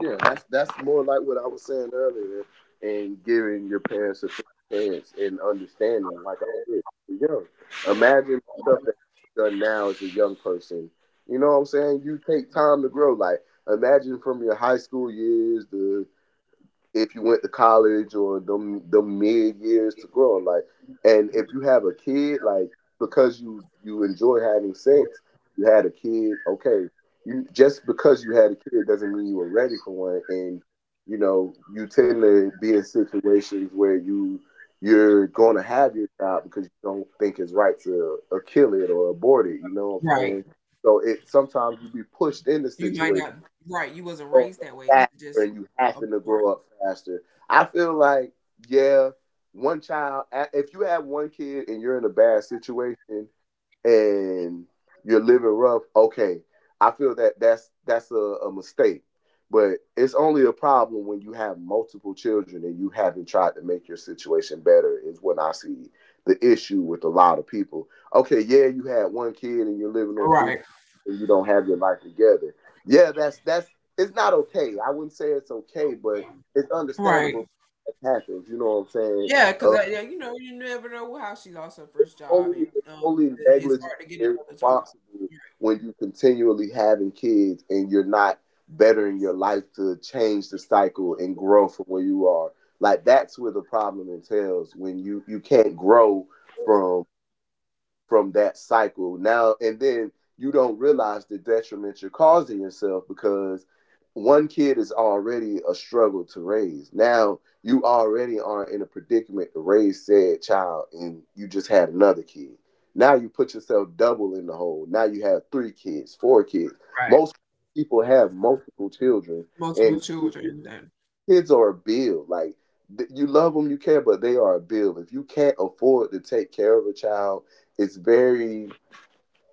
Speaker 2: Yeah, that's that's more like what I was saying earlier, and giving your parents a chance and understanding, like I said, you're young. Imagine stuff that's done now as a young person. You know what I'm saying? You take time to grow. Like imagine from your high school years, the if you went to college or the the mid years to grow. Like, and if you have a kid, like because you you enjoy having sex, you had a kid. Okay, you, just because you had a kid doesn't mean you were ready for one, and you know you tend to be in situations where you you're going to have your child because you don't think it's right to uh, kill it or abort it. You know what I'm
Speaker 1: Right.
Speaker 2: saying? So it, sometimes you be pushed into
Speaker 1: You might
Speaker 2: situations
Speaker 1: not. Right. You wasn't
Speaker 2: growing
Speaker 1: raised
Speaker 2: up
Speaker 1: that way.
Speaker 2: faster
Speaker 1: Just,
Speaker 2: and you
Speaker 1: uh,
Speaker 2: having to
Speaker 1: right.
Speaker 2: grow up faster. I feel like, yeah, one child, a- if you have one kid and you're in a bad situation and you're living rough, okay. I feel that that's that's a, a mistake. But it's only a problem when you have multiple children and you haven't tried to make your situation better is when I see the issue with a lot of people. Okay, yeah, you had one kid and you're living on food,
Speaker 1: Right.
Speaker 2: you don't have your life together. Yeah, that's that's it's not okay. I wouldn't say it's okay, but it's
Speaker 1: Right.
Speaker 2: understandable. It happens. You know what I'm saying?
Speaker 1: Yeah, because,
Speaker 2: Uh,
Speaker 1: yeah, you know, you never know how she lost her
Speaker 2: it's
Speaker 1: first job,
Speaker 2: only,
Speaker 1: and
Speaker 2: it's
Speaker 1: um,
Speaker 2: only
Speaker 1: it's
Speaker 2: negligent
Speaker 1: hard to get
Speaker 2: and
Speaker 1: another job.
Speaker 2: irresponsible
Speaker 1: Right.
Speaker 2: when you continually having kids and you're not bettering your life to change the cycle and grow from where you are. Like that's where the problem entails when you you can't grow from from that cycle now, and then you don't realize the detriment you're causing yourself because one kid is already a struggle to raise. Now you already are in a predicament to raise said child and you just had another kid. Now you put yourself double in the hole. Now you have three kids, four kids, most people have multiple children,
Speaker 1: Multiple
Speaker 2: and kids
Speaker 1: children, that
Speaker 2: kids are a bill. Like th- you love them, you care, but they are a bill. If you can't afford to take care of a child, it's very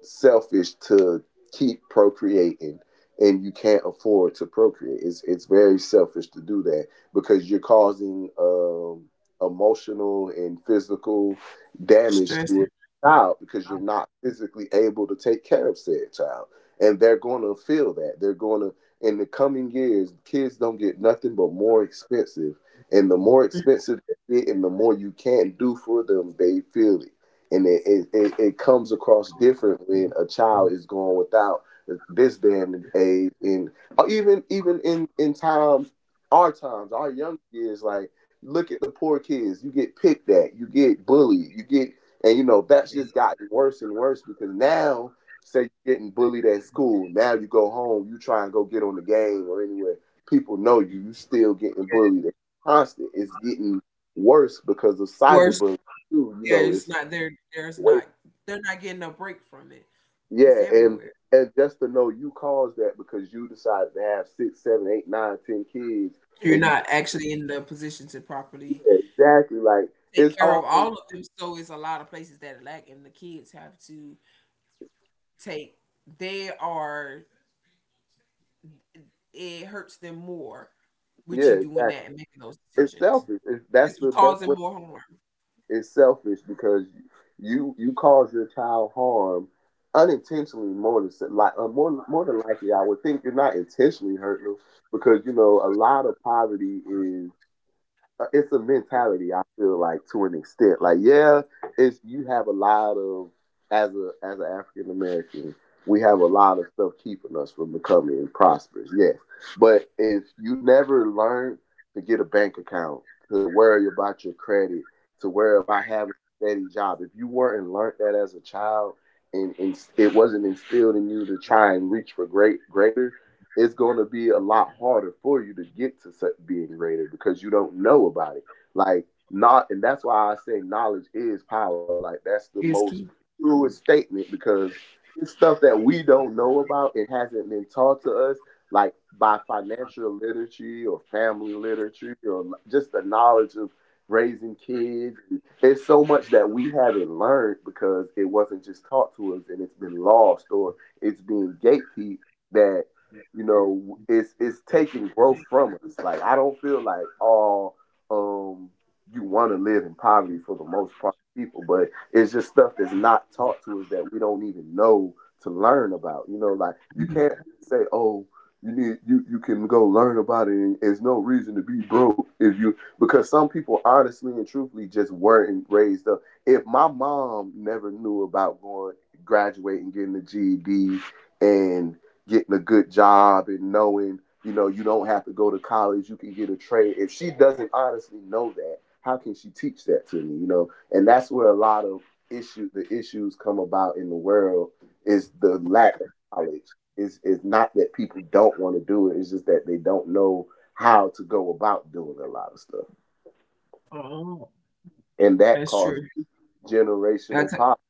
Speaker 2: selfish to keep procreating and you can't afford to procreate. It's it's very selfish to do that because you're causing um, emotional and physical damage
Speaker 1: stress
Speaker 2: to a child because you're not physically able to take care of said child. And they're going to feel that. They're going to, in the coming years, kids don't get nothing but more expensive. And the more expensive they get and the more you can't do for them, they feel it, and it, it, it, it comes across different when a child is going without this day and age, and or even even in in times, our times, our young years. Like look at the poor kids, you get picked at, you get bullied, you get, and you know, that's just gotten worse and worse because now say you're getting bullied at school, now you go home, you try and go get on the game or anywhere, people know you you still getting bullied. It's constant. It's getting worse because of
Speaker 1: worse.
Speaker 2: cyberbullying too. You
Speaker 1: Yeah,
Speaker 2: know,
Speaker 1: it's
Speaker 2: it's
Speaker 1: not there. There's
Speaker 2: Wait,
Speaker 1: not. They're not getting a break from it. It's
Speaker 2: yeah, and
Speaker 1: everywhere.
Speaker 2: and just to know you caused that because you decided to have six, seven, eight, nine, ten kids,
Speaker 1: You're
Speaker 2: and you
Speaker 1: not
Speaker 2: can't,
Speaker 1: actually in the position to properly
Speaker 2: yeah, exactly, like
Speaker 1: take
Speaker 2: it's
Speaker 1: care of
Speaker 2: always,
Speaker 1: all of them. So it's a lot of places that lack, and the kids have to take. They are. It hurts them more with you
Speaker 2: yeah,
Speaker 1: doing
Speaker 2: exactly.
Speaker 1: that and making those
Speaker 2: It's
Speaker 1: decisions.
Speaker 2: selfish. It's, that's
Speaker 1: It's
Speaker 2: the best
Speaker 1: causing
Speaker 2: way.
Speaker 1: more harm.
Speaker 2: It's selfish because you you cause your child harm unintentionally more than se- like uh, more more than likely. I would think you're not intentionally hurting them because you know a lot of poverty is. Uh, it's a mentality, I feel like, to an extent. Like yeah, it's, you have a lot of, as a as an African American, we have a lot of stuff keeping us from becoming prosperous. Yes, but if you never learn to get a bank account, to worry about your credit, to worry about having a steady job, if you weren't learned that as a child. And, and it wasn't instilled in you to try and reach for great greater, it's going to be a lot harder for you to get to being rated because you don't know about it. Like not, and that's why I say knowledge is power. Like that's the
Speaker 1: Is
Speaker 2: most
Speaker 1: key.
Speaker 2: truest statement because it's stuff that we don't know about. It hasn't been taught to us, like by financial literacy or family literacy or just the knowledge of raising kids. It's so much that we haven't learned because it wasn't just taught to us and it's been lost, or it's being gatekeep, that, you know, it's it's taking growth from us. Like I don't feel like all um you want to live in poverty for the most part of people, but it's just stuff that's not taught to us that we don't even know to learn about. You know, like you
Speaker 1: Mhm.
Speaker 2: can't say, oh, you need you you can go learn about it and there's no reason to be broke if you, because some people honestly and truthfully just weren't raised up. If my mom never knew about going graduating, getting a G E D and getting a good job, and knowing, you know, you don't have to go to college, you can get a trade. If she doesn't honestly know that, how can she teach that to me, you know? And that's where a lot of issue the issues come about in the world, is the lack of knowledge. Is is not that people don't want to do it, it's just that they don't know how to go about doing a lot of stuff. And that
Speaker 1: That's
Speaker 2: causes
Speaker 1: true.
Speaker 2: generational
Speaker 1: That's
Speaker 2: poverty.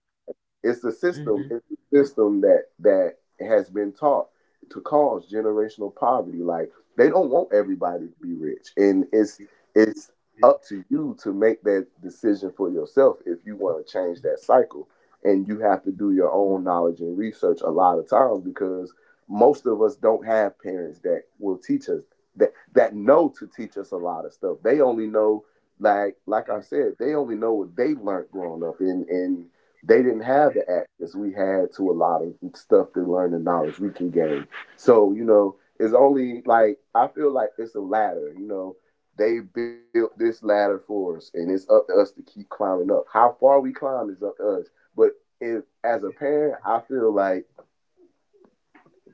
Speaker 2: It's the system.
Speaker 1: mhm,
Speaker 2: It's the system that that has been taught to cause generational poverty. Like they don't want everybody to be rich, and it's it's up to you to make that decision for yourself if you want to change that cycle. And you have to do your own knowledge and research a lot of times because most of us don't have parents that will teach us, that that know to teach us a lot of stuff. They only know, like like I said, they only know what they learned growing up, and and they didn't have the access we had to a lot of stuff to learn the knowledge we can gain. So, you know, it's only, like I feel like it's a ladder, you know. They built this ladder for us and it's up to us to keep climbing up. How far we climb is up to us. But if, as a parent, I feel like,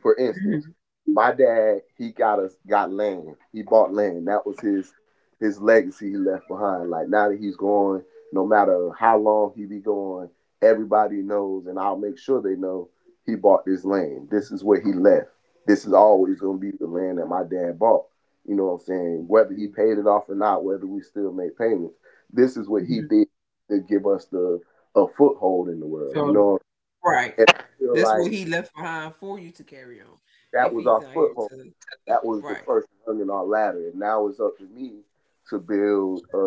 Speaker 2: for instance,
Speaker 1: mhm,
Speaker 2: my dad, he got us got land. He bought land. That was his his legacy he left behind. Like now that he's gone, no matter how long he be gone, everybody knows, and I'll make sure they know, he bought this land. This is where he left. This is always gonna be the land that my dad bought. You know what I'm saying? Whether he paid it off or not, whether we still make payments, this is what he
Speaker 1: mhm.
Speaker 2: did to give us the, a foothold in the world. You
Speaker 1: So,
Speaker 2: know,
Speaker 1: right.
Speaker 2: and I feel
Speaker 1: That's
Speaker 2: like
Speaker 1: what he left behind for you to carry on.
Speaker 2: that
Speaker 1: If
Speaker 2: was
Speaker 1: he's
Speaker 2: our
Speaker 1: not here
Speaker 2: foothold,
Speaker 1: to,
Speaker 2: that was the
Speaker 1: right,
Speaker 2: first rung in our ladder, and now it's up to me to build a,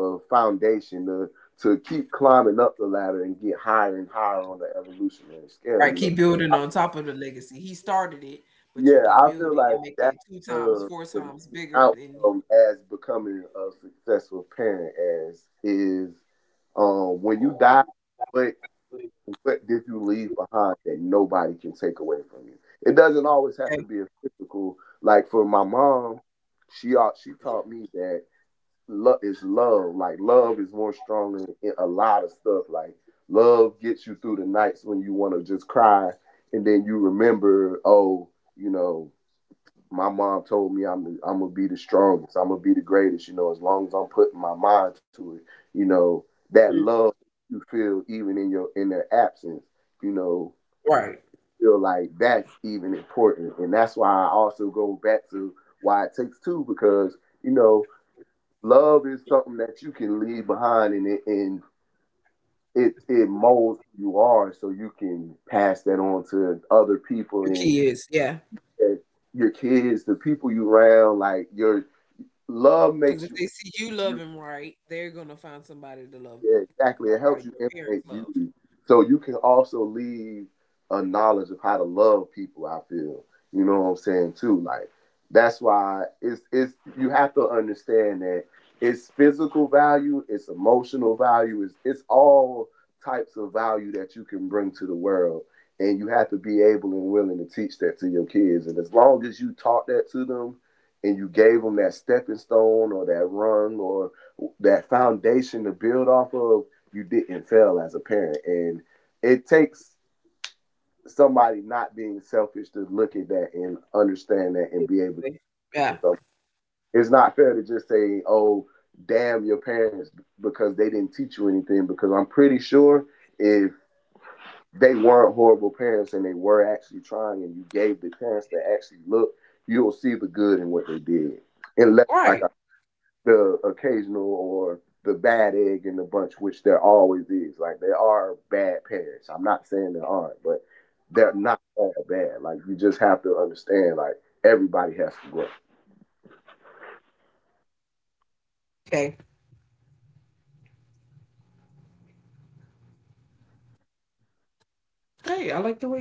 Speaker 2: a foundation to to keep climbing up the ladder and get higher and higher on the evolutionary scale.
Speaker 1: right,
Speaker 2: You know,
Speaker 1: keep building on top of the legacy. He started it, but you
Speaker 2: yeah,
Speaker 1: can
Speaker 2: I
Speaker 1: build
Speaker 2: feel
Speaker 1: it
Speaker 2: like
Speaker 1: and make it
Speaker 2: that's
Speaker 1: two times,
Speaker 2: uh,
Speaker 1: four
Speaker 2: the
Speaker 1: times
Speaker 2: main
Speaker 1: bigger than,
Speaker 2: outcome as becoming a successful parent, as is, um, when you die. But. And what did you leave behind that nobody can take away from you? It doesn't always have to
Speaker 1: okay,
Speaker 2: be a physical. Like for my mom, she au- she taught me that love is love. Like love is more stronger in a lot of stuff. Like love gets you through the nights when you want to just cry, and then you remember, oh, you know, my mom told me I'm I'm gonna be the strongest. I'm gonna be the greatest. You know, as long as I'm putting my mind to it. You know, that love you feel even in your, in their absence. You know,
Speaker 1: right,
Speaker 2: feel like that's even important, and that's why I also go back to why it takes two, because you know, love is something that you can leave behind, and it and it it molds who you are, so you can pass that on to other people
Speaker 1: your
Speaker 2: and.
Speaker 1: kids. Yeah.
Speaker 2: And your kids, the people you around, like your love
Speaker 1: Because
Speaker 2: makes
Speaker 1: if
Speaker 2: you,
Speaker 1: they see you
Speaker 2: you
Speaker 1: loving right, they're going to find somebody to love
Speaker 2: yeah, exactly, it
Speaker 1: like how
Speaker 2: helps you
Speaker 1: your parents
Speaker 2: imitate
Speaker 1: loved.
Speaker 2: beauty, so you can also leave a knowledge of how to love people, I feel. You know what I'm saying? Too, like, that's why it's it's you have to understand that it's physical value, it's emotional value, it's, it's all types of value that you can bring to the world, and you have to be able and willing to teach that to your kids, and as long as you taught that to them and you gave them that stepping stone or that run or that foundation to build off of, you didn't fail as a parent. And it takes somebody not being selfish to look at that and understand that and be able
Speaker 1: Yeah.
Speaker 2: to.
Speaker 1: Yeah.
Speaker 2: So it's not fair to just say, oh, damn your parents because they didn't teach you anything. Because I'm pretty sure if they weren't horrible parents and they were actually trying and you gave the parents to actually look, you'll see the good in what they did. Unless, like
Speaker 1: Right.
Speaker 2: I the occasional or the bad egg in the bunch, which there always is. Like there are bad parents. I'm not saying there aren't, but they're not all bad. Like you just have to understand, like everybody has to grow.
Speaker 1: Okay.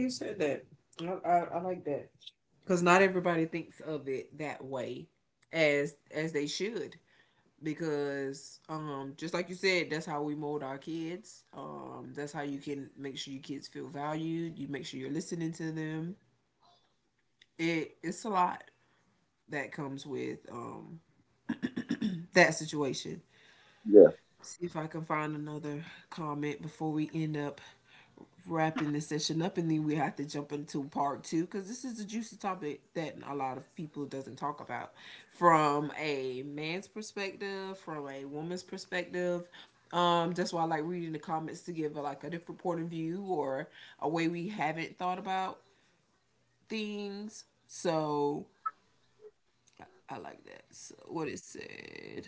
Speaker 1: Said that. I, I, I like that. Because not everybody thinks of it that way, as as they should. Because um just like you said, that's how we mold our kids. Um that's how you can make sure your kids feel valued, you make sure you're listening to them. It it's a lot that comes with um that situation.
Speaker 2: Yeah,
Speaker 1: See if I can find another comment before we end up wrapping this session up, and then we have to jump into part two, because this is a juicy topic that a lot of people doesn't talk about, from a man's perspective, from a woman's perspective. Um that's why I like reading the comments, to give a, like a different point of view, or a way we haven't thought about things. So I like that. So what it said: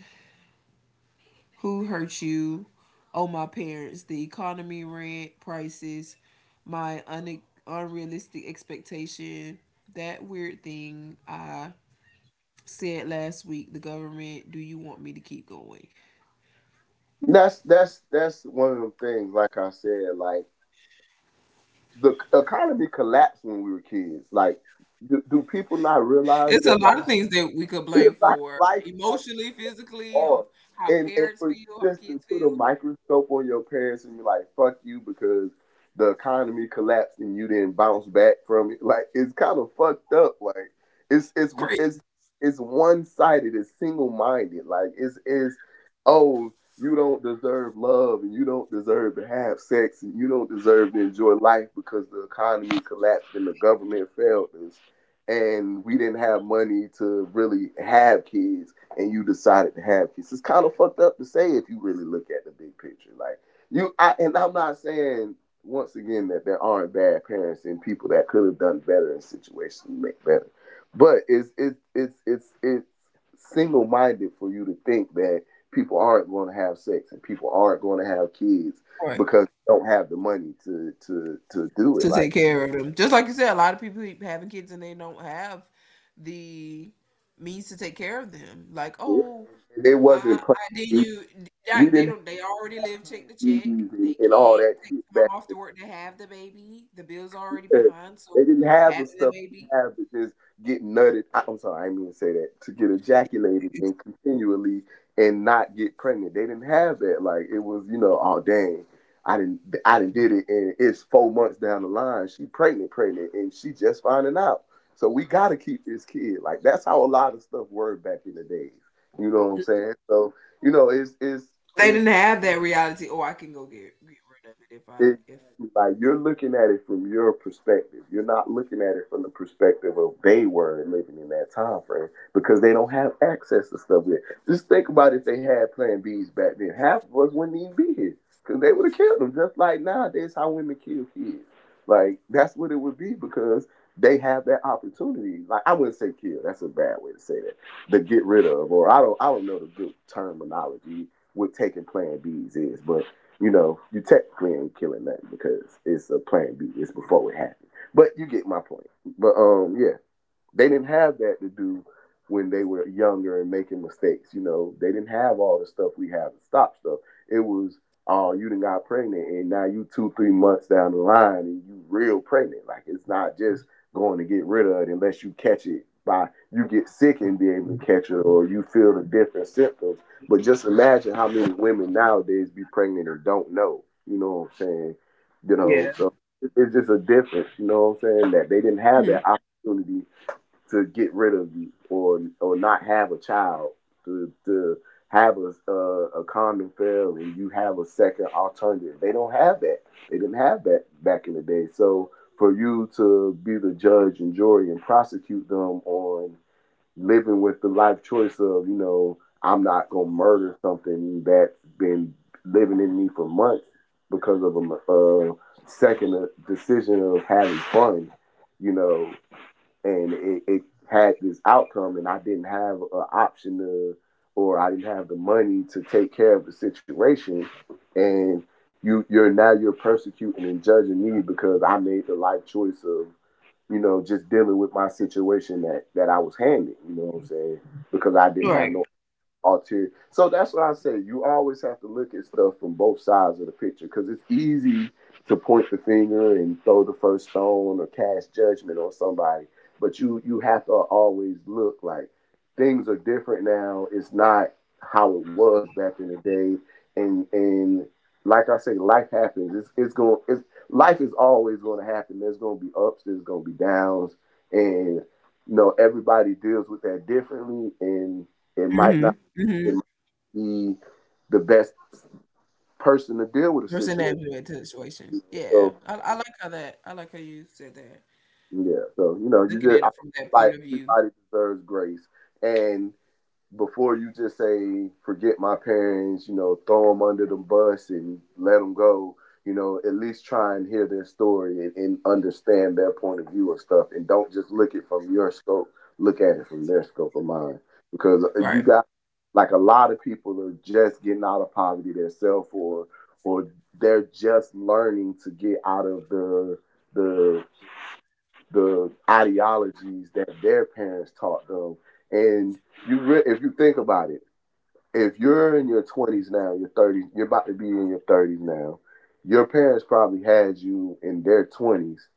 Speaker 1: Who Hurt You, Oh My Parents, The Economy, Rent, Prices, My un- Unrealistic Expectation, That Weird Thing I Said Last Week, The Government, Do You Want Me to Keep Going?
Speaker 2: that's that's that's one of them things. Like I said, like the economy collapsed when we were kids. Like, do, do people not realize
Speaker 1: It's a
Speaker 2: that, like,
Speaker 1: lot of things that we could blame
Speaker 2: like
Speaker 1: for,
Speaker 2: life happens?
Speaker 1: emotionally, physically,
Speaker 2: Hard.
Speaker 1: of how
Speaker 2: And and
Speaker 1: parents
Speaker 2: for you
Speaker 1: feel, how
Speaker 2: just to
Speaker 1: kids
Speaker 2: put a
Speaker 1: feel.
Speaker 2: microscope on your parents and be like, fuck you, because the economy collapsed and you didn't bounce back from it. Like it's kind of fucked up. Like it's it's it's
Speaker 1: Crazy.
Speaker 2: it's one sided, it's single minded. Like it's it's oh, you don't deserve love and you don't deserve to have sex and you don't deserve to enjoy life because the economy collapsed and the government failed us, and we didn't have money to really have kids, and you decided to have kids. It's kind of fucked up to say if you really look at the big picture. Like you, I, and I'm not saying, once again, that there aren't bad parents and people that could have done better in situations to make better, but it's it's it's it's it's single minded for you to think that people aren't going to have sex and people aren't going to have kids
Speaker 1: Right.
Speaker 2: because they don't have the money to to to do it.
Speaker 1: To
Speaker 2: Like
Speaker 1: take care of them. Just like you said, a lot of people keep having kids and they don't have the means to take care of them. Like,
Speaker 2: it
Speaker 1: oh,
Speaker 2: it
Speaker 1: Uh,
Speaker 2: wasn't
Speaker 1: I then
Speaker 2: planned.
Speaker 1: you
Speaker 2: We
Speaker 1: like they
Speaker 2: didn't
Speaker 1: don't they already
Speaker 2: have
Speaker 1: live check
Speaker 2: planned
Speaker 1: to
Speaker 2: babies
Speaker 1: check. They
Speaker 2: and, and all
Speaker 1: can't
Speaker 2: that
Speaker 1: take
Speaker 2: shit
Speaker 1: time
Speaker 2: back.
Speaker 1: off to work to have the baby. The bill's already
Speaker 2: Yeah.
Speaker 1: behind,
Speaker 2: They
Speaker 1: so
Speaker 2: didn't have the
Speaker 1: having the
Speaker 2: stuff we
Speaker 1: baby,
Speaker 2: have to just get nutted. I, I'm sorry, I didn't mean to say that. To get ejaculated and continually and not get pregnant. They didn't have that. Like it was, you know, oh dang, I didn't, I didn't did it, and it's four months down the line. She pregnant, pregnant, and she just finding out. So we gotta keep this kid. Like that's how a lot of stuff worked back in the days. You know what I'm saying? So you know, it's it's
Speaker 1: they didn't
Speaker 2: it's
Speaker 1: have that reality. Oh, I can go get get rid of it if I
Speaker 2: Exactly.
Speaker 1: if
Speaker 2: Like you're looking at it from your perspective. You're not looking at it from the perspective of they were living in that time frame because they don't have access to stuff yet. Just think about if they had Plan Bs back then. Half of us wouldn't even be here because they would have killed them. Just like nowadays, how women kill kids. Like that's what it would be because they have that opportunity. Like I wouldn't say kill. That's a bad way to say that. To get rid of, or I don't, I don't know the good terminology what taking Plan Bs is, but you know, you technically ain't killing nothing because it's a plan B. It's before it happened. But you get my point. But um, yeah, they didn't have that to do when they were younger and making mistakes. You know, they didn't have all the stuff we have to stop stuff. It was, oh, uh, you done got pregnant, and now you two, three months down the line, and you real pregnant. Like it's not just going to get rid of it unless you catch it by you get sick and be able to catch it, or you feel the different symptoms. But just imagine how many women nowadays be pregnant or don't know. You know what I'm saying? You know, so it's just a difference. You know what I'm saying? That they didn't have
Speaker 1: Mhm.
Speaker 2: that opportunity to get rid of you or or not have a child to to have a a, a condom fail and you have a second alternative. They don't have that. They didn't have that back in the day. So for you to be the judge and jury and prosecute them on living with the life choice of, you know, I'm not gonna murder something that's been living in me for months because of a, a second uh, decision of having fun. You know, and it, it had this outcome, and I didn't have an option to, or I didn't have the money to take care of the situation, and you you're now you're persecuting and judging me because I made the life choice of, you know, just dealing with my situation that that I was handed. You know what I'm saying? Because I didn't have
Speaker 1: Right.
Speaker 2: no ulterior. So that's what I say. You always have to look at stuff from both sides of the picture because it's easy to point the finger and throw the first stone or cast judgment on somebody, but you you have to always look like things are different now. It's not how it was back in the day, and and like I say, life happens. It's it's going. It's life is always going to happen. There's going to be ups. There's going to be downs, and you know everybody deals with that differently, and it might
Speaker 1: Mm-hmm.
Speaker 2: not.
Speaker 1: Mm-hmm.
Speaker 2: It might be the best person to deal with a
Speaker 1: Person that
Speaker 2: situation.
Speaker 1: To the situation. Yeah,
Speaker 2: So
Speaker 1: I, I like how that. I like how you said that.
Speaker 2: yeah, so you know, you
Speaker 1: Looking
Speaker 2: just
Speaker 1: at
Speaker 2: I,
Speaker 1: it from that point
Speaker 2: like
Speaker 1: of view.
Speaker 2: everybody deserves grace, and before you just say forget my parents, you know, throw them under the bus and let them go. You know, at least try and hear their story and, and understand their point of view of stuff, and don't just look it from your scope. Look at it from their scope of mind, because uh, you
Speaker 1: Right.
Speaker 2: got like a lot of people are just getting out of poverty themselves, or or they're just learning to get out of the the the ideologies that their parents taught them, and you re- if you think about it, if you're in your twenties now, your thirties, you're about to be in your thirties now. Your parents probably had you in their twenties,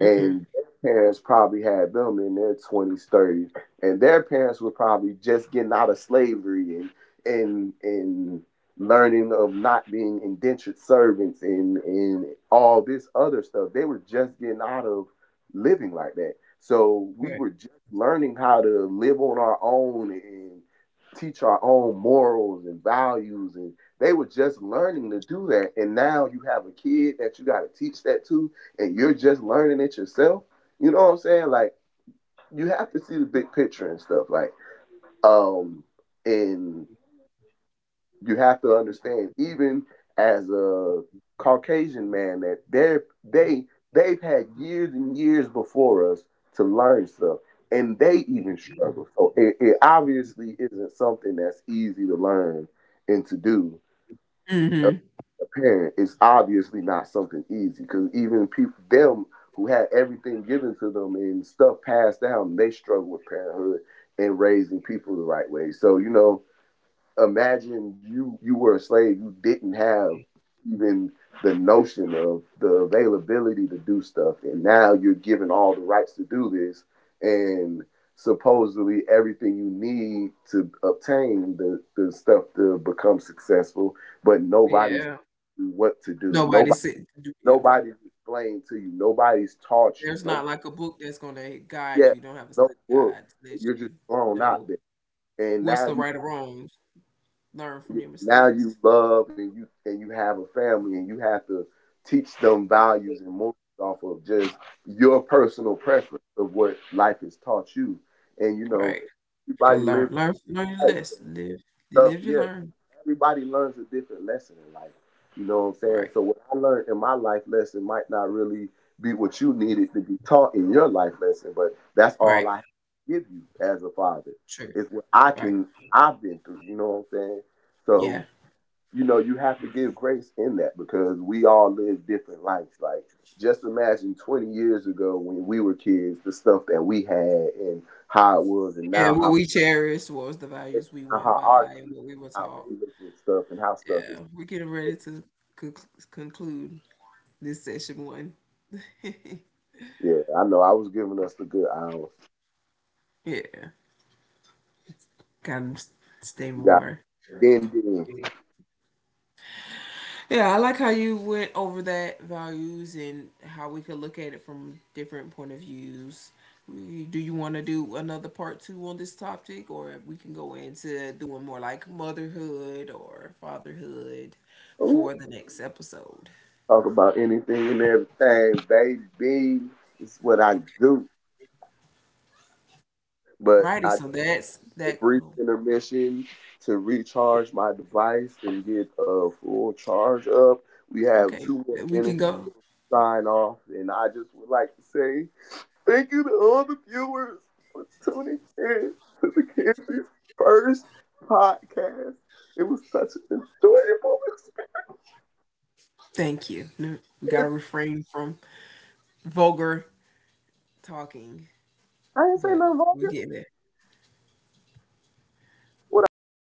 Speaker 1: Mm-hmm.
Speaker 2: and their parents probably had them in their twenties, thirties, and their parents were probably just getting out of slavery and and and learning of not being indentured servants and and all this other stuff. They were just getting out of living like that. So we
Speaker 1: Right.
Speaker 2: were just learning how to live on our own and teach our own morals and values, and they were just learning to do that, and now you have a kid that you got to teach that to, and you're just learning it yourself. You know what I'm saying? Like you have to see the big picture and stuff. Like, um, and you have to understand, even as a Caucasian man, that they're they they've had years and years before us to learn stuff, and they even struggle. So it, it obviously isn't something that's easy to learn and to do.
Speaker 1: Mm-hmm.
Speaker 2: A parent is obviously not something easy because even people them who had everything given to them and stuff passed down, they struggle with parenthood and raising people the right way. So you know, imagine you you were a slave, you didn't have even the notion of the availability to do stuff, and now you're given all the rights to do this and supposedly everything you need to obtain the, the stuff to become successful, but nobody's
Speaker 1: Yeah.
Speaker 2: what to do,
Speaker 1: Nobody
Speaker 2: nobody,
Speaker 1: said to do, yeah.
Speaker 2: nobody's explained to you, nobody's taught you
Speaker 1: There's
Speaker 2: no.
Speaker 1: not like a book that's gonna guide
Speaker 2: Yeah,
Speaker 1: you. You don't have a
Speaker 2: no
Speaker 1: study
Speaker 2: book,
Speaker 1: guide to let
Speaker 2: you're just
Speaker 1: you
Speaker 2: thrown out
Speaker 1: know
Speaker 2: there, and
Speaker 1: what's
Speaker 2: now
Speaker 1: the
Speaker 2: you.
Speaker 1: right or wrongs, learn from
Speaker 2: Yeah,
Speaker 1: your
Speaker 2: now you
Speaker 1: mistakes,
Speaker 2: love and you and you have a family, and you have to teach them values and morals off of just your personal preference of what life has taught you. And you know,
Speaker 1: right? You gotta
Speaker 2: everybody
Speaker 1: learn
Speaker 2: lives
Speaker 1: learn learn your
Speaker 2: life.
Speaker 1: less, live you
Speaker 2: So
Speaker 1: live, you
Speaker 2: yeah,
Speaker 1: learn.
Speaker 2: everybody learns a different lesson in life. You know what I'm saying?
Speaker 1: Right,
Speaker 2: So what I learned in my life lesson might not really be what you needed to be taught in your life lesson, but that's all
Speaker 1: right,
Speaker 2: I give you as a father.
Speaker 1: true,
Speaker 2: Is what I
Speaker 1: right,
Speaker 2: can. I've been through. You know what I'm saying?
Speaker 1: yeah.
Speaker 2: So you know, you have to give grace in that because we all live different lives. Like, just imagine twenty years ago when we were kids, the stuff that we had and how it was, and
Speaker 1: Yeah,
Speaker 2: now
Speaker 1: what
Speaker 2: how,
Speaker 1: we cherish, what was the values we
Speaker 2: now
Speaker 1: went
Speaker 2: how our
Speaker 1: by and
Speaker 2: kids
Speaker 1: what we
Speaker 2: and
Speaker 1: were
Speaker 2: how
Speaker 1: taught.
Speaker 2: they look at stuff and how stuff is.
Speaker 1: Yeah, we're getting ready to conc- conclude this session one.
Speaker 2: Yeah, I know. I was giving us the good hours.
Speaker 1: Yeah, gotta stay
Speaker 2: You got
Speaker 1: more. Sure.
Speaker 2: then then
Speaker 1: Yeah, I like how you went over that values and how we could look at it from different point of views. Do you want to do another part two on this topic, or we can go into doing more like motherhood or fatherhood
Speaker 2: Ooh,
Speaker 1: for the next episode?
Speaker 2: talk about anything and everything, baby. It's what I do. But
Speaker 1: Righty,
Speaker 2: I,
Speaker 1: so that's
Speaker 2: a
Speaker 1: that.
Speaker 2: brief
Speaker 1: Oh,
Speaker 2: intermission to recharge my device and get a full charge up. We have
Speaker 1: okay,
Speaker 2: two more
Speaker 1: we can
Speaker 2: minutes
Speaker 1: go.
Speaker 2: to sign off, and I just would like to say thank you to all the viewers for tuning in to the Kansas First Podcast. It was such an enjoyable experience.
Speaker 1: Thank you. We gotta refrain from vulgar talking,
Speaker 2: I didn't say
Speaker 1: but
Speaker 2: nothing wrong.
Speaker 1: we're getting there.
Speaker 2: What I said was